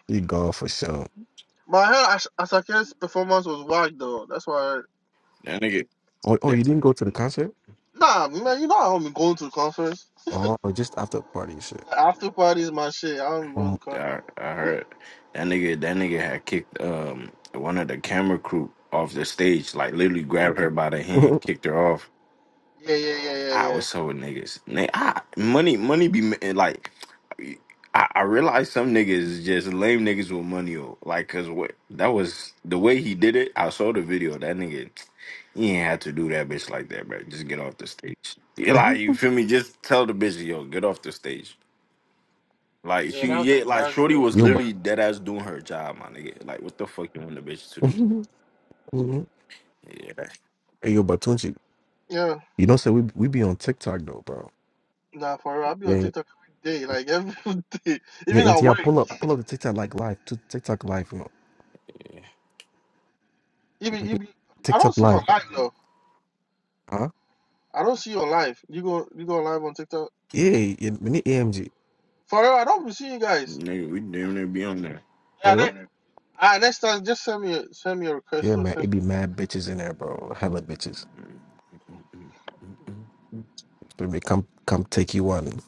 he gone for sure.
my hair as Asake's performance was whack though. That's why. I heard.
That nigga,
Oh, oh,
that,
you didn't go to the concert?
Nah, man, you know I don't be going to concerts.
Oh, or just after the party and shit.
After parties, my shit. I don't be going
Oh.
to concerts.
I, I heard that nigga, that nigga had kicked um one of the camera crew off the stage, like literally grabbed her by the hand, kicked her off.
Yeah, yeah, yeah, yeah,
I
yeah.
was so with niggas. Ni- I, money, money be ma- eh, like. I, I realize some niggas is just lame niggas with money. oh. Like, cause what that was the way he did it. I saw the video. That nigga, he ain't had to do that bitch like that, bro. Just get off the stage. Yeah, Like, you feel me? Just tell the bitch, yo, get off the stage. Like
Yeah,
she,
that was
yeah, like
embarrassing.
Shorty was
yo,
Though.
but
literally dead ass doing her job, my nigga. Like, what the fuck you want the bitch to do?
hey,
Yeah,
yo, Batunchi,
Yeah,
you don't say we we be on TikTok though, bro.
nah, for real. i be on
Yeah,
TikTok every day, like every day,
yeah,
even
and
at
yeah,
work.
pull up, pull up the TikTok like live, to TikTok live, you know,
yeah.
like, we
Even you
be-
be, I
TikTok
don't see you on
live,
live though.
huh?
I don't see you on live. You go, you go live on TikTok.
Yeah, yeah, we need AMG,
For real, I don't be seeing you guys.
Nigga, we damn near be on there.
Yeah,
bro.
ne- ah, next time just send me, a, send me a
Yeah,
request or
man,
send.
it be mad bitches in there, bro. Hella bitches. Let me come come take you one.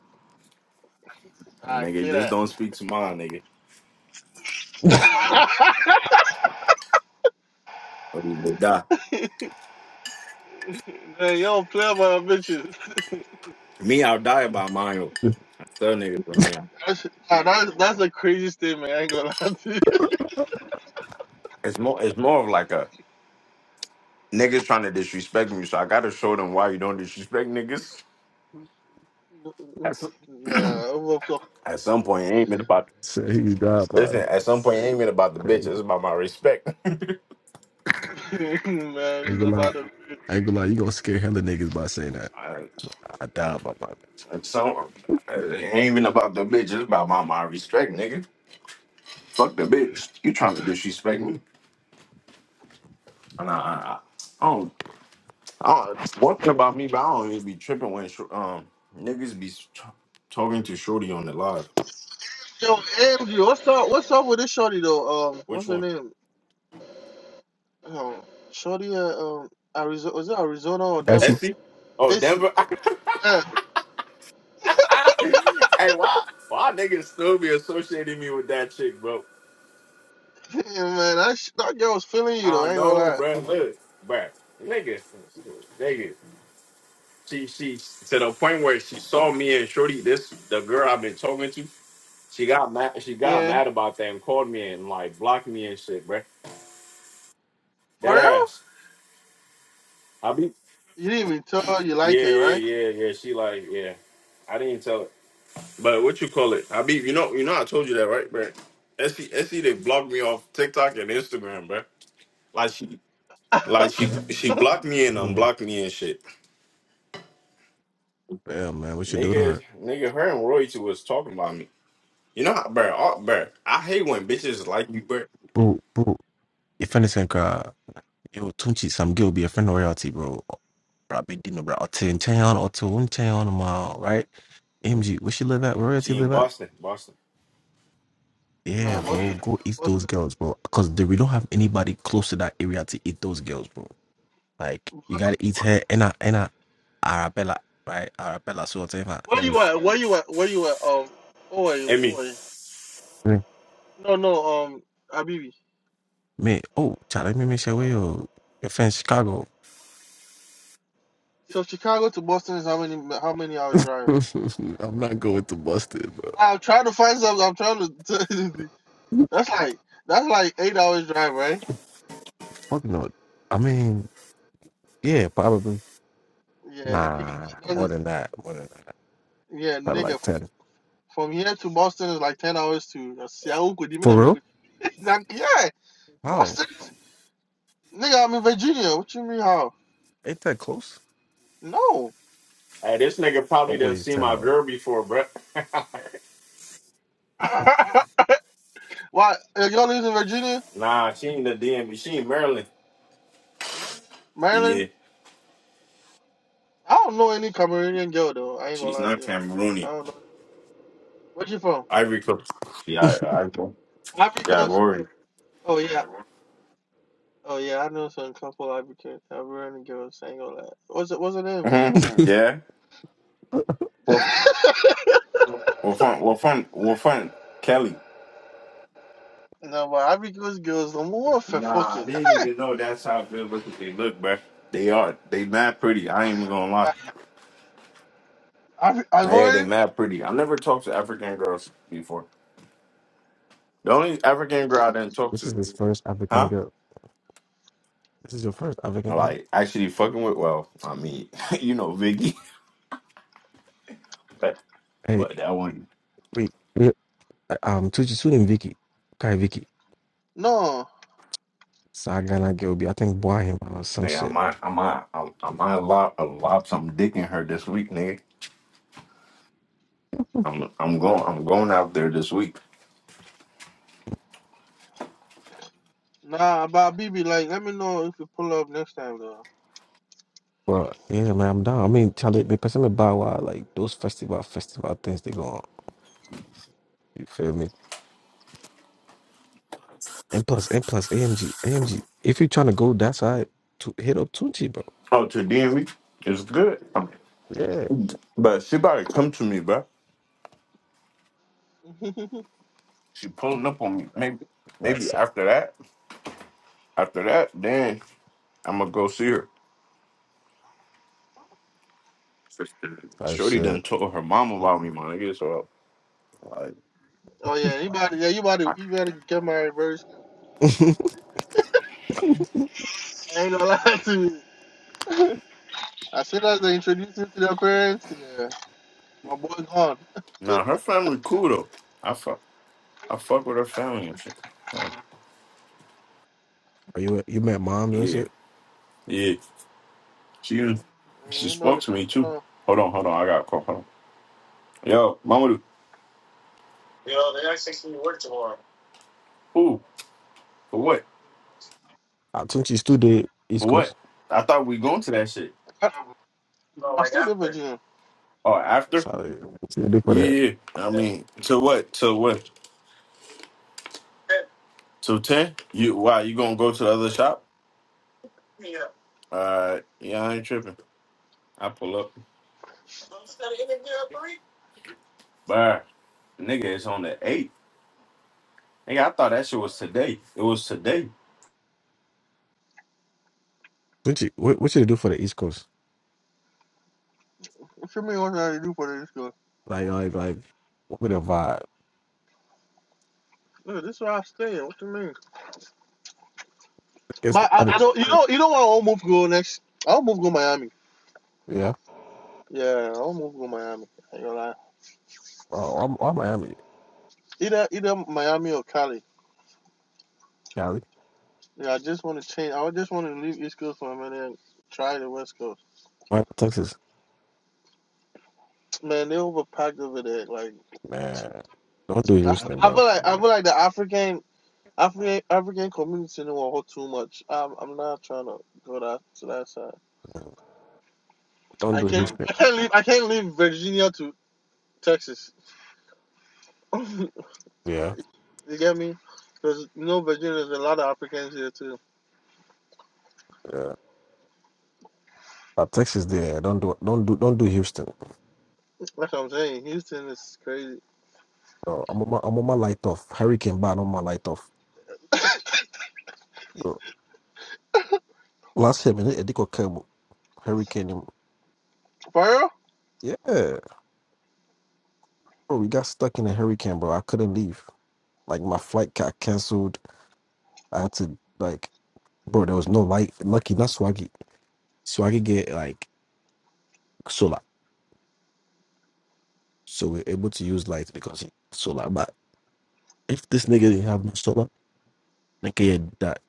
I
Nigga,
see
just
that.
don't speak to mine, nigga. You will die.
Man, you don't play about bitches.
Me, I'll die about mine. Third niggas right now.
That's, nah, that's that's a crazy statement. I ain't gonna lie to
It's more. It's more of like a niggas trying to disrespect me, so I gotta show them why you don't disrespect niggas.
you.
At some,
Nah, I'm up,
at some point, it ain't been about.
Say he's God by
Listen, at some point, it
it's
ain't been about the bitch.
crazy.
It's about my respect.
man.
Ain't
It's
gonna lie.
about to.
Ain't gonna lie, you gonna scare hella niggas by saying that.
I,
I died by my bitch.
at some, it ain't even about the bitch. It's about my, my respect, nigga. Fuck the bitch. You trying to disrespect me? Nah, I, I, don't. I don't. One thing about me, but I don't even be tripping when sh- um niggas be tr- talking to Shorty on the live.
Yo, Andrew, what's up? What's up with this shorty though? Um, what's
Which
her
one?
name? Um, shorty at um Arizona. Was it Arizona or Denver?
Actually,
SC? Oh,
AC.
Denver.
Yeah,
hey, why? Why niggas still be associating me with that chick, bro?
yeah man, that, sh- that girl was feeling you though.
I
I
don't
ain't gonna
know,
lie.
bro. Look, bro. Nigga, nigga. She, she to the point where she saw me and Shorty, this the girl I've been talking to. She got mad. She got
Yeah,
mad about that and called me and like blocked me and shit, bro.
for
That
real?
ass. I be.
You didn't even tell her you like
Yeah,
her,
yeah,
right?
yeah, yeah. She like, yeah. I didn't tell. But what you call it? I be you know, you know, I told you that, right, bro? Essie, Essie, they blocked me off TikTok and Instagram, bro. Like she, like she, she blocked me and
mm,
unblocked me and shit.
damn man, what you do to
Nigga,
her?
nigga, her and Roy too was talking about me. You know, how, bro, oh, bro, I hate when bitches like you, bro.
Boo, boo. your friend is cry. Yo, Tunchi, some girl be a friend of royalty, bro. Bro, I be Dino, bro. Or will tell him, on, I'll tell him, right? MG, where she live at? Where royalty
She in
live at?
Boston, Boston.
Yeah,
nah,
bro.
Boston,
Go eat those
Boston,
girls, bro. Because we don't have anybody close to that area to eat those girls, bro. Like, you gotta
Boston.
eat her and I, and I, Arabella, right? Arabella, so whatever.
Where
And
you at? Where you at? Where you at? Um, oh wait,
And
oh
me,
wait.
me,
No, no. Um, Abibi.
me, oh, Charlie, me, me, share with you. Your your friend Chicago.
So Chicago to Boston is how many? How many hours drive?
I'm not going to Boston, bro.
I'm trying to find something. I'm trying to. That's like that's like eight hours drive, right?
Fuck no. I mean, yeah, probably.
Yeah, nigga,
Nah,
that's
more
a-
than that. More than that.
yeah,
Probably
nigga.
like 10.
From here to Boston is like ten hours to uh, Seattle. Could even
For
I mean,
real?
like, yeah,
Wow.
Boston. is- Nigga, I'm in Virginia. What you mean how?
Ain't that close?
No.
hey, this nigga
No
probably done
way it's
seen
10
my
hours.
girl before, bro.
Why? uh, Y'all live in Virginia,
Nah, she in the DMV, she in Maryland.
Maryland?
Yeah,
I don't know any Cameroonian girl though. I ain't gonna
she's
lie to
not
you. I
Cameroonian.
don't know. Where you from?
Ivory Coast. Yeah, I, I,
Ivory
yeah,
Coast.
Rory.
Oh yeah. Oh yeah, I know some couple Ivory Coast- Ivorian girls. I ain't gonna lie. What's it? What's her name?
yeah. Well, fun, well, fun, well, fun, Kelly.
No, but Ivory Coast girls, the more for
Nah,
fucking.
they didn't even know that's how good looking they look, bruh. They are. They mad pretty. I ain't even gonna lie.
I I
Yeah, they
Ivorian?
mad pretty. I never talked to African girls before. The only African girl I didn't talk
This is
to,
his first African
huh?
girl. This is your first African girl.
Like actually fucking with. Well, I mean, you know, Vicky, but
Hey,
but that one,
wait. yeah, uh, Um, Tucci Sue and Vicky. Okay, Vicky.
No.
Sagana Gilby. I think Boy him or some
nigga, I
shit.
might, I might, I, I might lob, lob some dick in her this week, nigga. I'm, I'm going, I'm going out there this week.
Nah, about BB, like, let me know if you pull up next time, though.
Well, yeah, man, I'm down. I mean, Charlie, the person me personally buy why like those festival festival things they go on. You feel me? And plus, and plus, AMG, AMG. If you're trying to go that side, to hit up Tunchi, bro.
Oh, to DMV, it's good.
Yeah,
But she about to come to me, bro. She pulling up on me. Maybe, maybe
that's
after that, after that, then I'm gonna go see her.
type
Shorty
shit.
done told her mom about me, my nigga. So like,
oh, yeah, anybody, yeah, you about to,
I,
you better get married first. I ain't gonna lie to you. As soon as they introduce you to their parents, yeah, my boy gone.
now her family cool though. I fuck, I fuck with her family and shit. Uh,
Are you you met moms and
yeah,
shit?
yeah. She even-
Yeah,
she
ain't no other
spoke to
shit,
me too.
no.
Hold on, hold on. I got a call. Hold on. Yo, mama. Yo, they actually to me to work tomorrow. Who? For what?
Uh, Tunchi still the East
For
Coast.
what? I thought we going to that shit.
I,
No,
I
like
still live with
after.
you.
Oh, after?
Sorry, what's the day for
Yeah,
that?
yeah. yeah. I mean, to what? To what? To ten? You why? You gonna go to the other shop? All right. Yeah, I ain't tripping. I pull up. Bye. Nigga, it's on the eighth. Nigga, I thought that shit was today. It was today.
What you what, what should they do for the East Coast?
What you mean, what should I do for this girl?
Like like like what would the vibe? I
Look, this is where I stay. What you mean?
guess
My,
I
I,
mean,
I don't, you know, you know where I won't move go next? I'll move go Miami.
yeah.
Yeah, I'll move to Miami. I ain't gonna lie.
Oh, I'm, I'm Miami,
Either either Miami or Cali.
Cali,
Yeah, I just want to change. I just want to leave East Coast for a minute and try the West Coast.
why Texas.
Man, they overpacked over there. Like
Man, don't do
I,
Houston,
I
bro.
feel like I feel like the African African African community know all too much. I'm I'm not trying to go that to that side.
Don't
I
do
can't
Houston.
I can't leave I can't leave Virginia to Texas. you
Yeah,
get me? Because you know Virginia, there's a lot of Africans here too.
yeah. Uh, Texas, there. Don't do don't do don't do Houston.
That's what I'm saying. Houston is crazy.
No, I'm on my I'm on my light off. Hurricane ban on my light off. Bro, Last year, man, they they got cable. Hurricane. him.
For real?
Yeah, bro, we got stuck in a hurricane, bro. I couldn't leave. Like my flight got canceled. I had to like bro, there was no light. Lucky, not Swaggy. Swaggy get like solar, so we're able to use light because he got solar. But if this nigga didn't have no solar, nigga had that.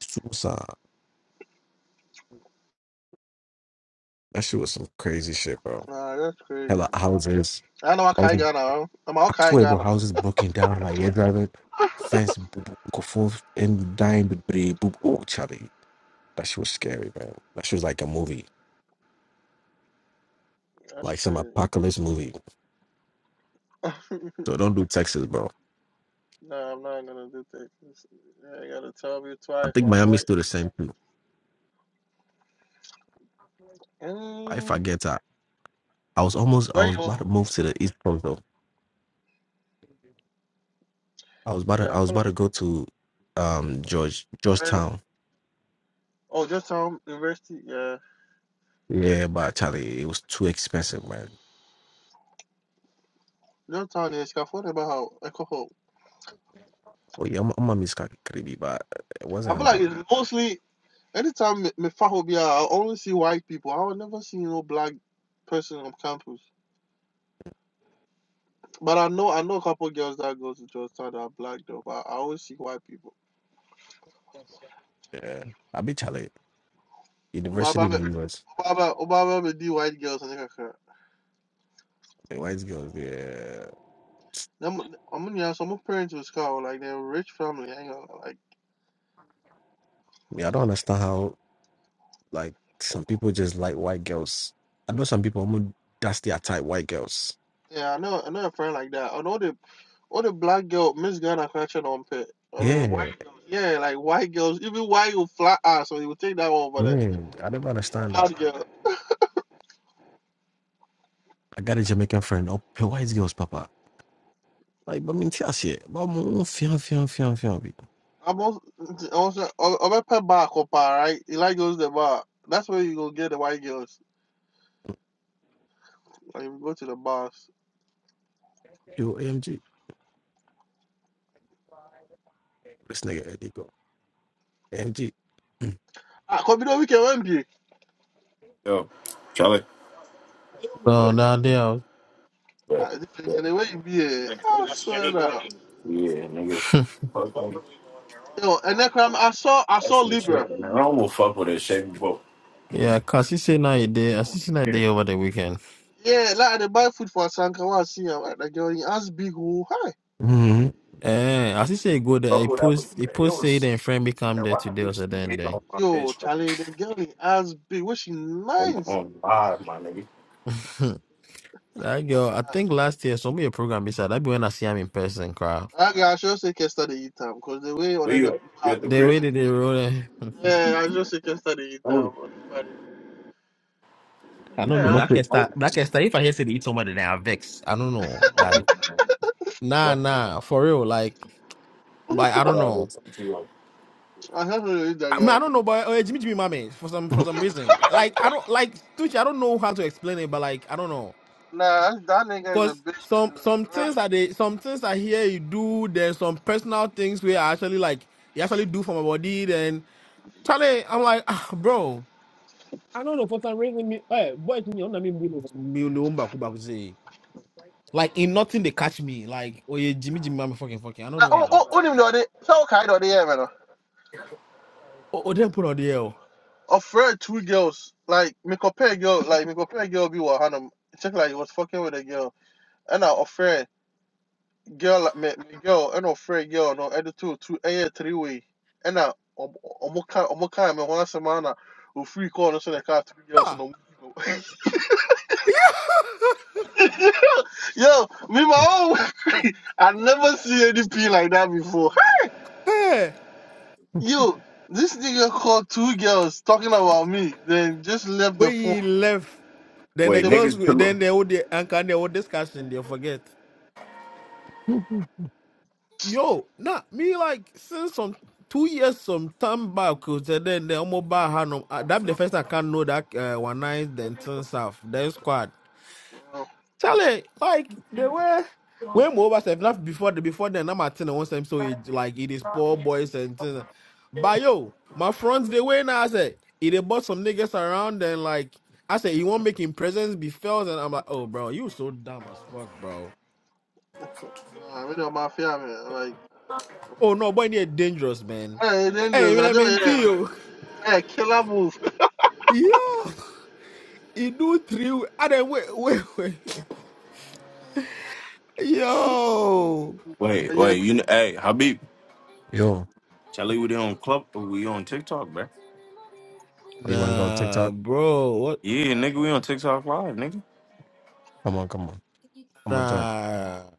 Suicide. That shit was some crazy shit, bro.
Nah, that's crazy.
Hella houses,
I know I can't
houses.
Ghana. huh? I'm all
I
kind
swear, bro,
Ghana.
houses broken down. Like air driving, fence, boop, boop, go forth and dying, but boop, boop. Oh, Charlie, that shit was scary, man. That shit was like a movie,
That's
like some
crazy.
apocalypse movie. So don't do Texas, bro.
nah, I'm not gonna do Texas. Yeah, you gotta tell you
I
twice,
think
my boy.
Miami's still the same too. I
Mm,
forget. I was almost I
where you?
was about
Mhm.
to move to the East Coast though. I was about to
Yeah, I
I was
feel
about to
like
go to um George
Maryland.
Georgetown.
Oh, Georgetown University. Yeah,
Yeah, but Charlie, it was too expensive, man.
Georgetown is California. About how I come
Oh yeah, I'm, I'm a miss Caribbean, but it
I
wasn't
feel like
enough.
it's mostly anytime me me faho be out, I only see white people. I would never see no black person on campus. But I know I know a couple girls that go to Georgetown that are black though. But I always see white people.
Yeah, I be Charlie
But
University
but
in the US.
Obama Obama be the white girls and like her.
The white girls, yeah.
Them, I'm gonna have some parents was called like they're rich family. I ain't gonna like
Yeah, I don't understand how like some people just like white girls. I know some people almost that's their type, white girls.
yeah, I know I know a friend like that. I know the all the black girl Miss Ghana catching on pit. I know the white
Yeah,
girls. Yeah, like white girls. Even white will flat ass, so you will take that over the
yeah. I never understand that.
black girl.
I got a Jamaican friend. Oh, her white girls, Papa. Like, but I mean, tell shit. But I'm on film, film, film, film. be.
I'm also also I'm a pet bar copa, right? He like goes to the bar. That's where you go get the white girls. Like you go to the bars.
Yo, AMG. This nigga, there they go. AMG.
Ah, come you we can one be.
Yo, Charlie.
No,
But,
no, they are.
Ah,
but,
this thing,
but,
the way you be. eh, I swear that.
yeah, nigga. Fuck nigga.
Yo, and then um, I saw I
That's
saw
some
Libra.
shit. Man, I don't wanna fuck with that shit, but
Yeah, cause he say now he there. As he say now he
here,
there over the weekend.
Yeah, like they buy food for Sankawa. I see her, like, the girl in as big. who, hi.
Mm-hmm.
Eh, as he say he go there,
fuck
he
with that.
post, he
It
post say
was.
then friend become
Man,
there
why
today
I
or so
bitch you
then
hit
then.
on my
Yo,
bitch bro?
Charlie, the girl in as big. What she
on my
nice.
on live, my nigga?
that girl, I think last year some of your program beside that be when I see him in person, crowd.
I I should say Kester the eat time because the way on
Where
any
you at? You
uh,
at the
The
the
way
crib?
that they roll it.
yeah, I should say Kester the eat
Hold
time.
it,
But
I don't
You
know.
yeah,
know
That
it.
can start.
hold it,
That can start. If I hear say they eat somebody, then I vex. I don't know. Like
hold it.
nah,
What?
nah, for real. Like like I
I
don't
gotta do
know.
something to you. like-
I I should say that
I mean, I
girl.
don't know, but uh, Jimmy Jimmy Mommy for some for some reason. Like I don't like Tucci, I don't know how to explain it, but like I don't know.
Nah, that nigga is a
Cause
bitch.
some some things that they some things I hear you do, there's some personal things where I actually like you actually do for my body. Then Charlie, I'm like, ah, bro, I don't know for some reason me eh boy to me on me blue. me no umba kuba kuzi. like in nothing they catch me. Like oh yeah, Jimmy Jimmy, I'm fucking fucking. I don't
Nah,
know
oh,
why.
oh, oh, even know they so kind of they yeah, man.
Oh, oh then put on the L.
afraid two girls. Like me compare girl, like me compare girl be with Hannah. Check like he was fucking with a girl, and I afraid girl like me, me girl and afraid girl no other two two air three way, and I omo kind omo kind me one semana we free call No so the car three girls and
Ah,
no. Yo, me my own. I never see anything like that before.
hey,
Yo, this nigga called two girls talking about me, then just left
when
the phone.
he left, then the
Wait,
Say,
girls,
niggas pillow.
then they would the anchor, and they would discussion. They forget. yo, nah, me like since some two years some time back, cause then the mobile hand that be the first I can know that uh, one night then turns off then squad.
"Oh,
Charlie, like they were when mobile self not before the before then I'm at one time so it like it is poor boys and things. But yo, my friends they were now I said it they bought some niggas around and like I said you want making presence be felt and I'm like oh bro you so dumb as fuck bro.
nah, me don't mafia, man. Like,
Oh no, boy, you're dangerous man.
Hey,
Hey, you
dangerous.
know what
I
I
do.
mean? to
Yeah,
you.
yeah. Killer move.
Yo, he do three. I then wait, wait, wait. Yo,
Wait,
Yeah,
wait, you know, hey, Habib,
Yo, oh,
Charlie, we on club, but we on TikTok, bro.
you want to go on
nah,
TikTok?
bro. What?
Yeah, nigga, we on TikTok live, nigga.
Come on, come on. I'ma join.
Nah.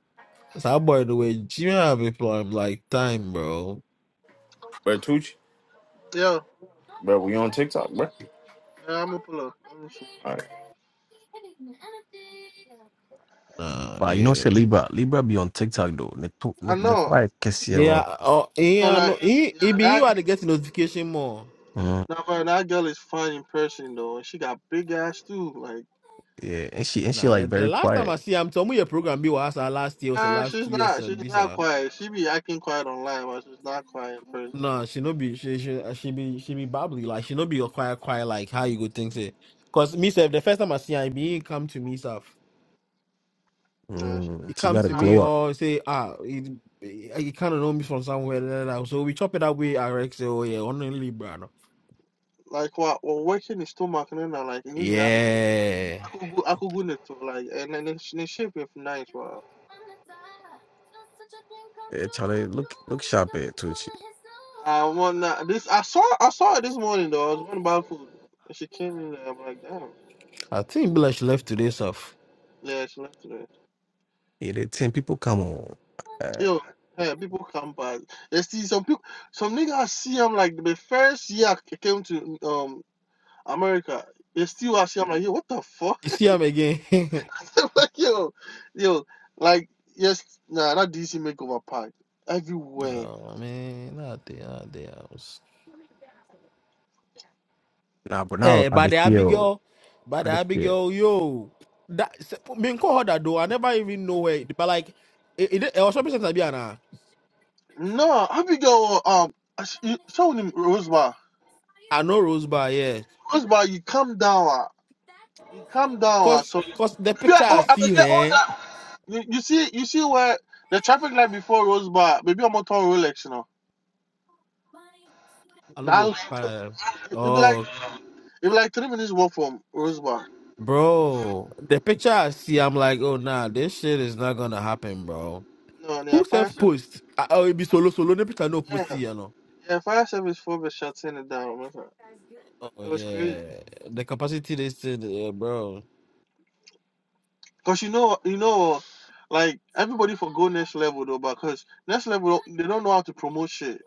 That boy the way Jimmy have it for him like time, bro.
Bro, Tucci,
yeah.
bro, we on TikTok, bro.
yeah I'm a to pull up. Let me see.
Nah,
But you know, say
yeah,
Libra. Libra be on TikTok, though. The, to- the,
I
the
know.
quiet kiss here, bro.
yeah. Oh,
So
yeah.
like,
No, he
yeah,
he be
that.
you had to get the notification more.
Mm-hmm.
Now, but that girl is fine in person though, and she got big ass too. Like,
Yeah, and she, and she
Nah,
like,
the, the
very
last time
quiet.
I see him, some of your program be was last year was the
nah,
last
she's
two
not. She's not
years.
quiet. She be acting quiet online, but she's not quiet in person.
No, she
Like,
no be she she uh, she be she be bubbly like she no be a quiet quiet like how you go think say. Cause me self the first time I see her, be he come to me stuff.
nah, she,
He
Mm, she
come
got a
to
Nah,
me
glow up.
or say ah he, he he kind of know me from somewhere. da, da, da. So we chop it that way. I rex say oh yeah only Libra no.
Like, what? Well, working is too much, and then like, you know,
Yeah,
I could go, I could go to like, and then she, she be nice, wow.
Yeah, Charlie, look, look sharp at too. She,
I want uh, this. I saw. I saw her this morning though. I was wondering about food, and she came in. there. I'm like, damn.
I think be like she left today stuff.
Yeah, she left today.
yeah, the 10 people come on. Uh,
Yo, hey, people come by. They see some people. Some niggas see. I'm like, the first year I came to um America, they still I see. I'm like, yo, what the fuck?
You see him again?
I'm like, yo, yo, like yes, nah, that DC makeover park everywhere.
no man, not there, not there.
nah, but now
Eh,
I
but
dey
the
feel.
Abigail, but
I
the
dey feel.
Abigail, yo, that s- me nko her that though. I never even know her. But like, it, it, it was something since I
No, how we go? Um, I s- you- show them Rosebar.
I know Rose Bar, yeah,
Rosebar, you come down. ah. Calm down. ah.
cause
So
cause the
maybe I,
picture I
oh, I
see
beg your order.
her,
You, you see, you see where the traffic light before Rose Bar. Maybe I'm on turn Rolex, you know.
I love
That
what-
light,
uh,
it be like
Oh,
it will be like three minutes walk from Rose Bar.
bro, the picture I see, I'm like, oh nah, this shit is not gonna happen, bro.
No, no, yeah,
Who
fire
self
service.
post? Ah, Oh, it be solo solo. The picture no
Yeah,
pussy, you know.
yeah, fire service for the shutting it down. man.
Oh
It was crazy.
yeah, the capacity they said, yeah, bro.
Cause you know, you know, like everybody for go next level though, but cause next level they don't know how to promote shit.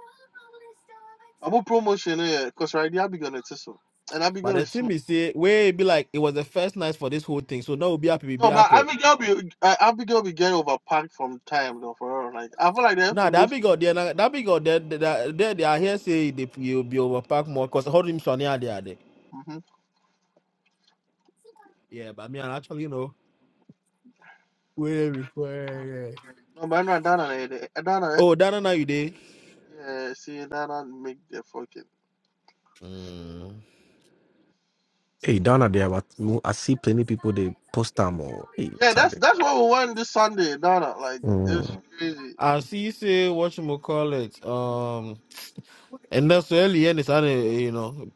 I'm a promotion, yeah. Cause right, there I be gonna tissue, and I be
But the
gonna
thing is, say, where be like it was the first night for this whole thing, so now we'll be happy be
No, but
alcohol.
Abigail be uh, Abigail be getting overpacked from time though for her. Like I feel like they have
Now
to
that
move.
big out there, na- that big out there, th- that- there they are here say they will be overpack more because hold him Sonny are there. there.
Mm-hmm.
Yeah, but me and actually you know way before.
No, but no, Dana, Dana,
Oh, that now you day.
yeah, see Dana make the fucking
Mm.
Hey, down at there, but mo- I see plenty people they post them or hey,
yeah. That's
Charlie.
that's what we want this Sunday, Dana. Like it's
Mm.
Mm. crazy.
I see. you Say what you call it. Um, and that's early and it's on you know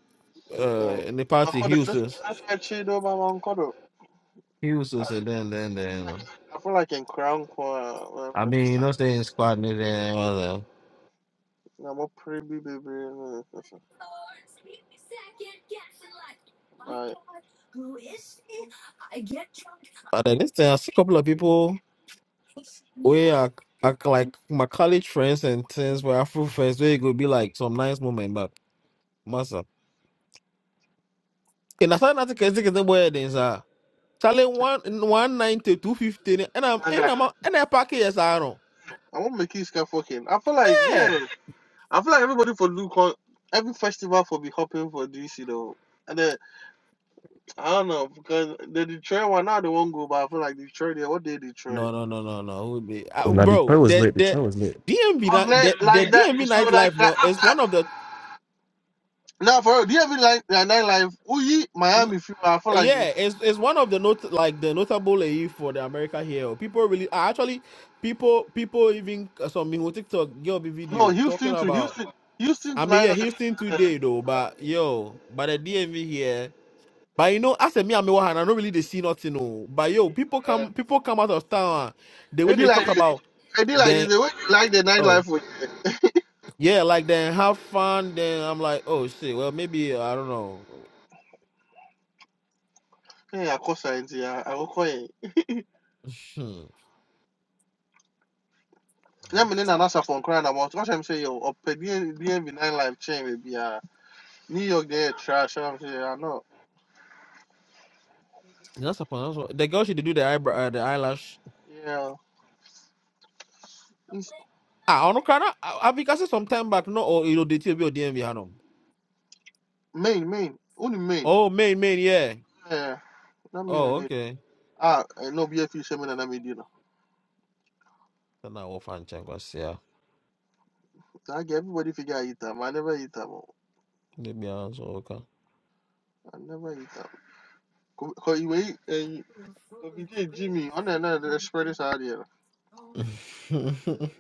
uh
Um,
in the party
Mankodo, that's
Houston,
that's why Chido, my Mankodo.
Houston,
I,
and then then then.
I feel like in Crown Corner,
I mean, you know, staying squad and then all that.
I'm a pretty baby. My,
But then this thing, I see a couple of people we are act act like my college friends and things were Afro friends where it could be like some nice moment, but massa. And I said nothing can take the boy then sir. Charlie one one ninety two fifteen and I'm
I'm
and I'm a-
gonna
and I pack yes I don't.
make you fucking. I feel like
Yeah.
yeah. I feel like everybody for do con- every festival for be hopping for DC though. And then I don't know because the Detroit one now they won't go, but I feel like Detroit they what they Detroit.
No no no no no Who be-
Oh,
uh,
now the
bro
train was
the
late. The
the
train was late.
DMV ni-
Unless
the the
like that,
DMV
so like
nightlife
that
no is one
after
of the
now for real, do you ever like that nightlife? Oh, ye Miami feel. I feel like
Yeah,
it's,
it's it's one of the not like the notable AE for the America here. People really ah, actually people people even uh, some people TikTok give a
no
video talking
Houston to
about.
Houston, Houston to
I mean, yeah,
nightlife.
Houston today though, but yo, but the DMV here. But you know, as a me, I'm one, I don't really they see nothing. Oh, but yo, people
Uh,
come people come out of town. ah, The way
it be
they talk
like this.
about
It be like
then
this. The way you like the
oh
nightlife for
yeah, like then have fun. Then I'm like, oh shit. Well, maybe I don't know.
yeah, of course I call science. Yeah, I will call it.
Hmm.
Let me know an answer for crying about. What I'm saying, yo, or be nightlife chain maybe. New York, they are trash I'm saying I know.
That's upon that's what- the girl she did do the eyebrow, uh, the eyelash.
Yeah, it's
Ah, ono kana abikase some time back no or ilo date bi odie bi hanom.
Maine, Maine, only Maine.
Oh, main main yeah.
Yeah, not Maine
Oh,
and it.
okay.
Ah, eh, no BFU shaman and I mean, you know.
Kana wo fan chen kwasia.
I get everybody figure eat them. I never eat them. oh.
Ne bi anso oka.
I never eat them. Cause you wait and you Jimmy on another the spread is out here.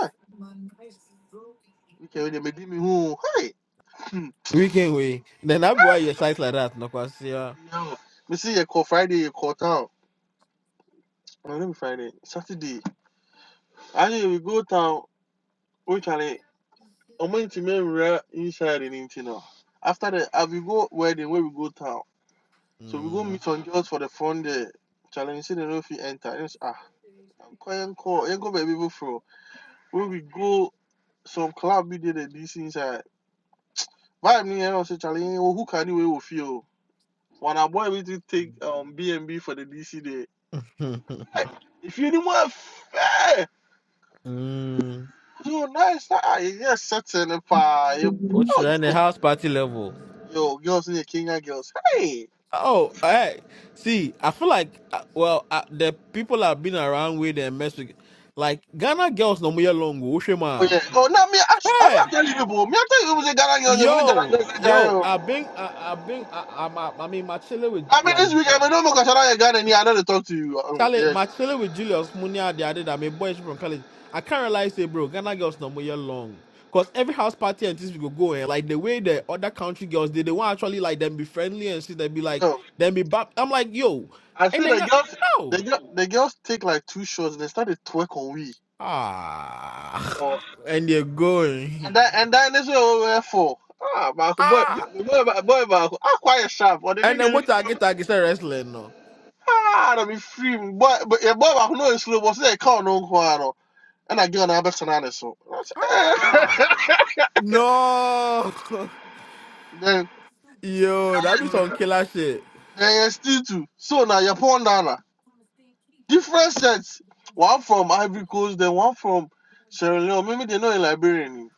Hey, you can really make me who? Hey, Hmm.
Weekend we. Then I be why your size like that no kwasia.
yo, me see you call Friday, you call town. No, let me Friday, Saturday. I think we go town. We can ɔmantumi nwura inside in nti no after the ah, we go wedding where we go town so we go
Mm.
meet some girls for the front there challenge say they no fit enter and ah yɛnkɔ yɛnkɔ yɛnkɔ baabi before. When we go some club bi dey the dc inside vibe ni yɛn ɔsɛ challenge yɛn ohu ka ni wei wɔ fie o wɔn aboa bi to take um bnb for the dc day. Like, If you efie not want fair,
mm.
yo nice ah yɛ yɛ setting paa yɛ
What's
oh
in the
yo
house party level?
girls ni yɛ kenya girls hey.
Oh, hey. See, I feel like uh, well, uh, the people I've been around with and mess with like Ghana girls no more
Oh
long.
yeah. Oh no, me. I, sh- I
Hey.
mean, I tell you people. Me, I tell you, it was a Ghana girls. I mean, Ghana
Yo,
girls. eh, Jai,
yo,
oh.
I've been, I, I've been, I, I'm- I, I mean, my chilling with
I mean,
like
this weekend, I mean, no more Ghana Ghana. Yeah, I know they talk to you. Um,
Charlie,
yeah.
my chilling with Julius Munia, the other, I mean, boys from college. I can't realize, say, bro, Ghana girls no more year long, cause every house party and things we go go and like the way the other country girls did, they want actually like them be friendly and shit, they be
You
like,
know,
them be bap. I'm like, yo,
I
and
say
then
the
go,
girls,
no,
the girl, the girls take like two shots and they started twerk on we.
ah,
Oh.
and they're
And
going,
that, and that. that is what we we're for. Ah, Marco, boy,
ah,
boy, boy, boy, Marco. Ah, quite sharp. Or the
and then
nigga,
what I get, I get wrestling, no,
ah, that be free. Boy, but yeah, boy, Marco, no, it's slow. But say, call no, no, no. And I get on the best and honest. So.
ah, no.
Then.
Yo, that be some killer shit.
Then still two. So now you're pound down. Now. Different sets. One from Ivory Coast, then one from Sierra Leone. Maybe they're not in Liberian.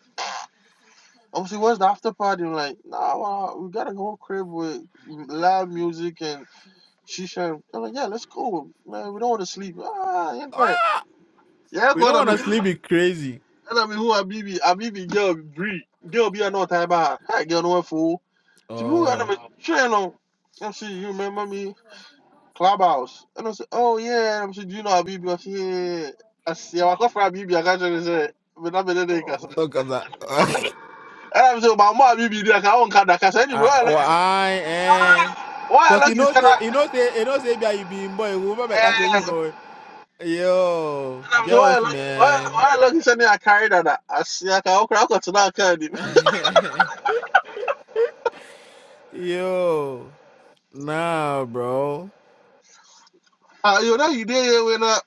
I'm saying, where's the after party? I'm like, nah, well, we gotta go crib with live music and shisha. I'm like, yeah, let's go, man. We don't want to sleep. Ah, yeah, great.
Ah,
Yeah,
we
go on.
don't
I
want
mean,
to sleep
and
it crazy.
I mean, who are BB? I BB girl, Bree. Girl, be a another time. bar. Hey, girl, no fool. To me, who I
Oh,
never train on. I'm saying, you remember me? Clubhouse. And I said, oh yeah, I'm sure you know Abibi. I said, yeah. I see, I come from Abibi. I got you. Say, but I'm better than
oh,
Kasa. And
look at that.
I'm saying, but I'm Abibi. I can't count that Kasa anymore.
I,
Why I
oh,
like it?
I, eh.
Why I
Cause you
like it?
know say, you know say, you know say, be you being boy, who remember castle who
Yeah. And
know? Yo,
I'm saying, why I
girls,
like why
man.
why I like it? Say, I carry that. I see, I can't count that now. Can't you?
Yo, nah, bro.
Ah, you know you did when uh,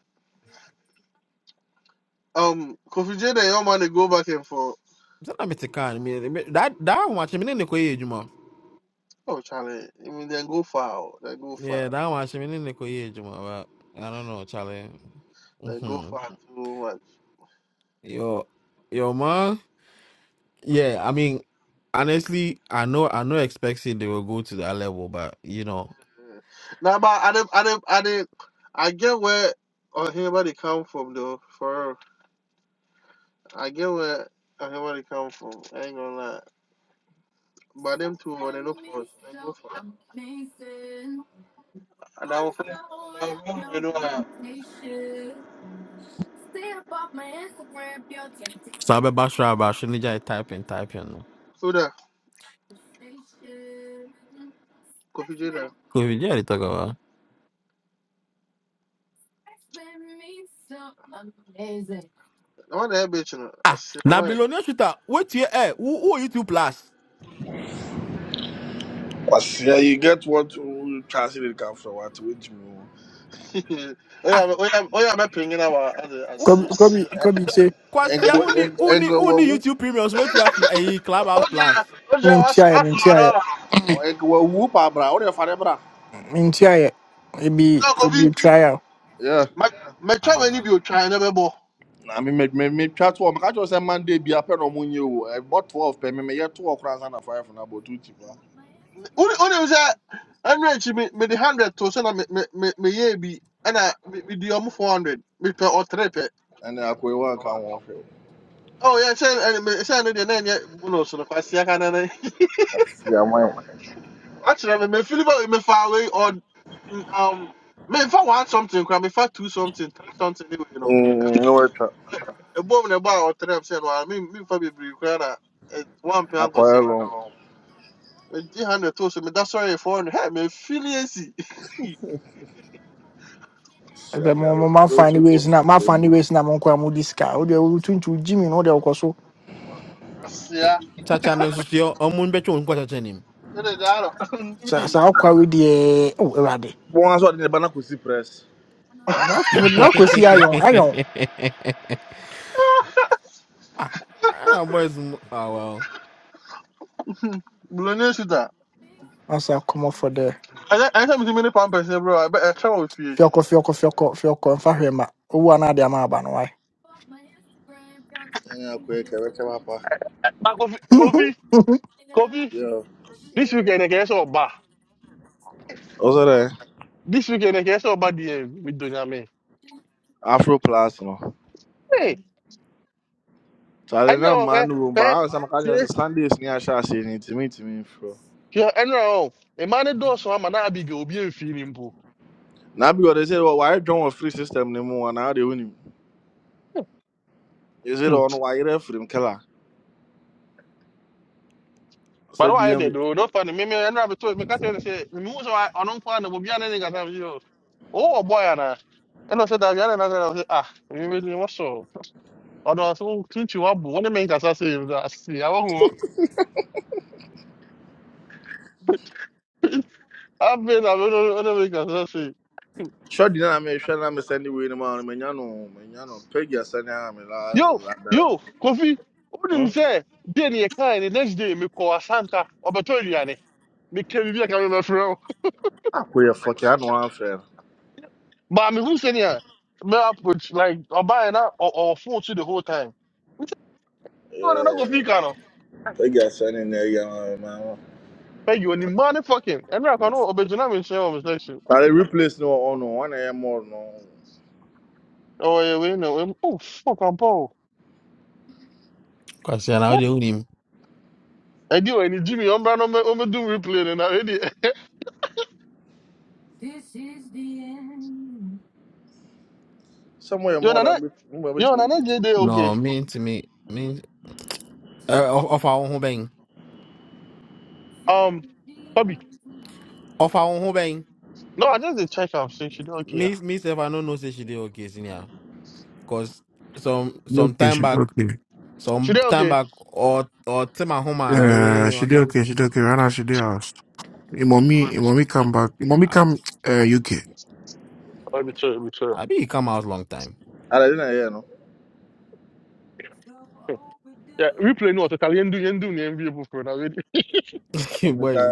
um Kofi J and your man they go back and forth.
Tell me to can me that that one watch me in the way,
Oh Charlie, I mean they go far, they go far,
Yeah, that one should be Nicoye Juma, but I don't know, Charlie.
they go
hmm
far too much.
Yo, yo, man. Yeah, I mean, honestly, I know, I know, expecting they will go to that level, but you know,
Nah, but I didn't, I didn't, I didn't. I get where everybody come from, though. For real. I get where everybody come from. I ain't gonna lie. But them two, oh, they no force. They go for. it. And I will find. You know, uh,
Sabe Bashra Bashinija typing, typing. no.
who that? Kofi J there.
Covid, yeah, they talk about.
I want that bitch, you know. I
Ah,
see
now
why.
billionaire shooter, wait here, eh, who, who YouTube Plus?
But yeah, you get what you translate come from what which me.
Oh yeah,
Ah,
but- oh yeah, oh yeah. I'm not pinging our. I
who,
Kobe,
see.
Kobe, Kobe say,
Kwasia,
Engo
uni, uni,
engo
uni
wu
YouTube Premiums, wait here, eh, Clubhouse
Oh yeah,
Plus.
oh yeah. I see.
Mintia,
I see. I
Mintia,
know.
engo wo pa bra. What you fare bra?
Mintia, it be,
No,
it
Kofi.
be trial.
Yeah.
My, my child, when you
Ah,
be trying to be
I mean, me me me chat to. Maka just say Monday be a pen on money o. I bought twelve pen. Me me get two across and a five na about two cheaper.
wonim sɛ ɛno akyi me- mede 100 to so na me- me- me- meyɛɛ bi ɛna me- medi ɔmo 400 mepɛ ɔtere pɛ
And I go one can one fail.
Oh, yeah, sɛ ɛne- me- sɛ ɛno deɛ na ɛnyɛ bonus no kwasea ka nana
Yeah, my.
wakyerɛ me mefili bɛ mefaa wei ɔ- n- um memfa one something koraa mefa two something three something ne wei no
Hmm. No wait.
ɛbom na ɛbɔ a ɔtere m sɛ no a mem- memfa bebree koraa na ɛ, wampɛ
I go
ankɔsɛ
long.
medi 100 to so meda sɔree 400 hɛ mefili asi
Wasia
The
me do
mama,
me
my
do
funny
two for
ways,
me
not my funny
baby.
ways, not my quamu disca. Oh, they will turn to Jimmy, no, they'll so.
eh,
asea
Chacha, no, so, so, oh, unko bet you, on chenim.
ɛne daa no
So, so
me
I'll quarry the, oh, Radi.
Bon aso de bana kusi press.
Would not go see Iron, Iron.
Ah, i boys, mm, ah, well.
Blonesu
As I said, come off for the
I Anytime you many pound person, bro, I better travel with you.
Fioko, Fioko, Fioko, Fioko, and Fahima. Oh, another Amabano,
And I go kere kere papa.
But Kofi, Kofi,
why?
Kofi,
Yeah.
this weekend, I guess, or bar.
Also there.
This weekend, I guess, or bar, the with Dunyame.
Afro plus no.
Hey,
So
I
Charlie, no
know,
man
eh,
no room, but
eh,
I was some kind of
eh,
Sunday near Shashi to me to me bro.
yeah, I know. A man does so I'm an abig, will be a feeling pool.
Now because they said, well, why don't a free system anymore? And how they win him? Is it on wire frame killer?
But
Said
why they
DM.
do not find me, I never told me, Catherine say, the moves are on on fire, will be an ending at you. Oh, boy, Anna. And I said, I'm another, ah, you really was so. Ọ̀dọ̀ ọ̀sán tún ti wá bù wọ́n ní mẹ́yìn kàtà sí i I see. I won't. Abe na whatever whatever you can just say.
Sure, did I make sure I'm sending way no, man, Menano, Menano, Peggy, i la
Yo,
Ladara.
yo, Kofi, wonim
Hmm?
sɛ deɛ ne yɛkae the next day me call Santa or Batoliani. Me can be mekɔ asanta ɔbɛtɔ aduane meka biribi aka memɛfrɛ wo
I put a fuck, I know I'm fair.
ba mehu sɛnea mɛapproach like ɔbaɛ or ɔ- phone to the whole time No, ɔne na
Yeah,
Kofi ka no
Peggy, Sanya, man.
bɛyɛ onima ne fucking And I can ɛnera ka no ɔbɛgyina me nkyɛn wɔ me section
But i replace no on one AM more, no.
Oh yeah, we know. oh fuck I'm ampa o
Kwasia, now they own him.
ɛde wɔ ani gyimi ɔmbra no ɔmɛ- ɔmmɛdum replay no na ɛdeɛ
Somewhere
yo
more
nana
than me, I'm
yo
waiting.
nana gye
No,
okay
me to me, me. uh, of of our own home bang.
um Bobby.
Of our own bang.
No, I just did check up. See, she did okay. ah.
Miss, Miss, if no don't know, say she did okay, senior. Cause some some
Okay,
time
she did
back,
okay.
She
some
did
time
okay.
back, or or Tim and Homer,
Uh,
eh,
she
what's
did
that?
okay. She did okay. Right now, she did house. Mommy, mommy come back. Mommy
I,
come uh, UK.
Oh, be chill, be chill.
I be he come out long time.
I didn't hear no.
Yeah, replay no. Total yendu yendu ni envy people for that.
Boys,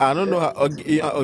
I don't know how.
Well.
Okay, yeah,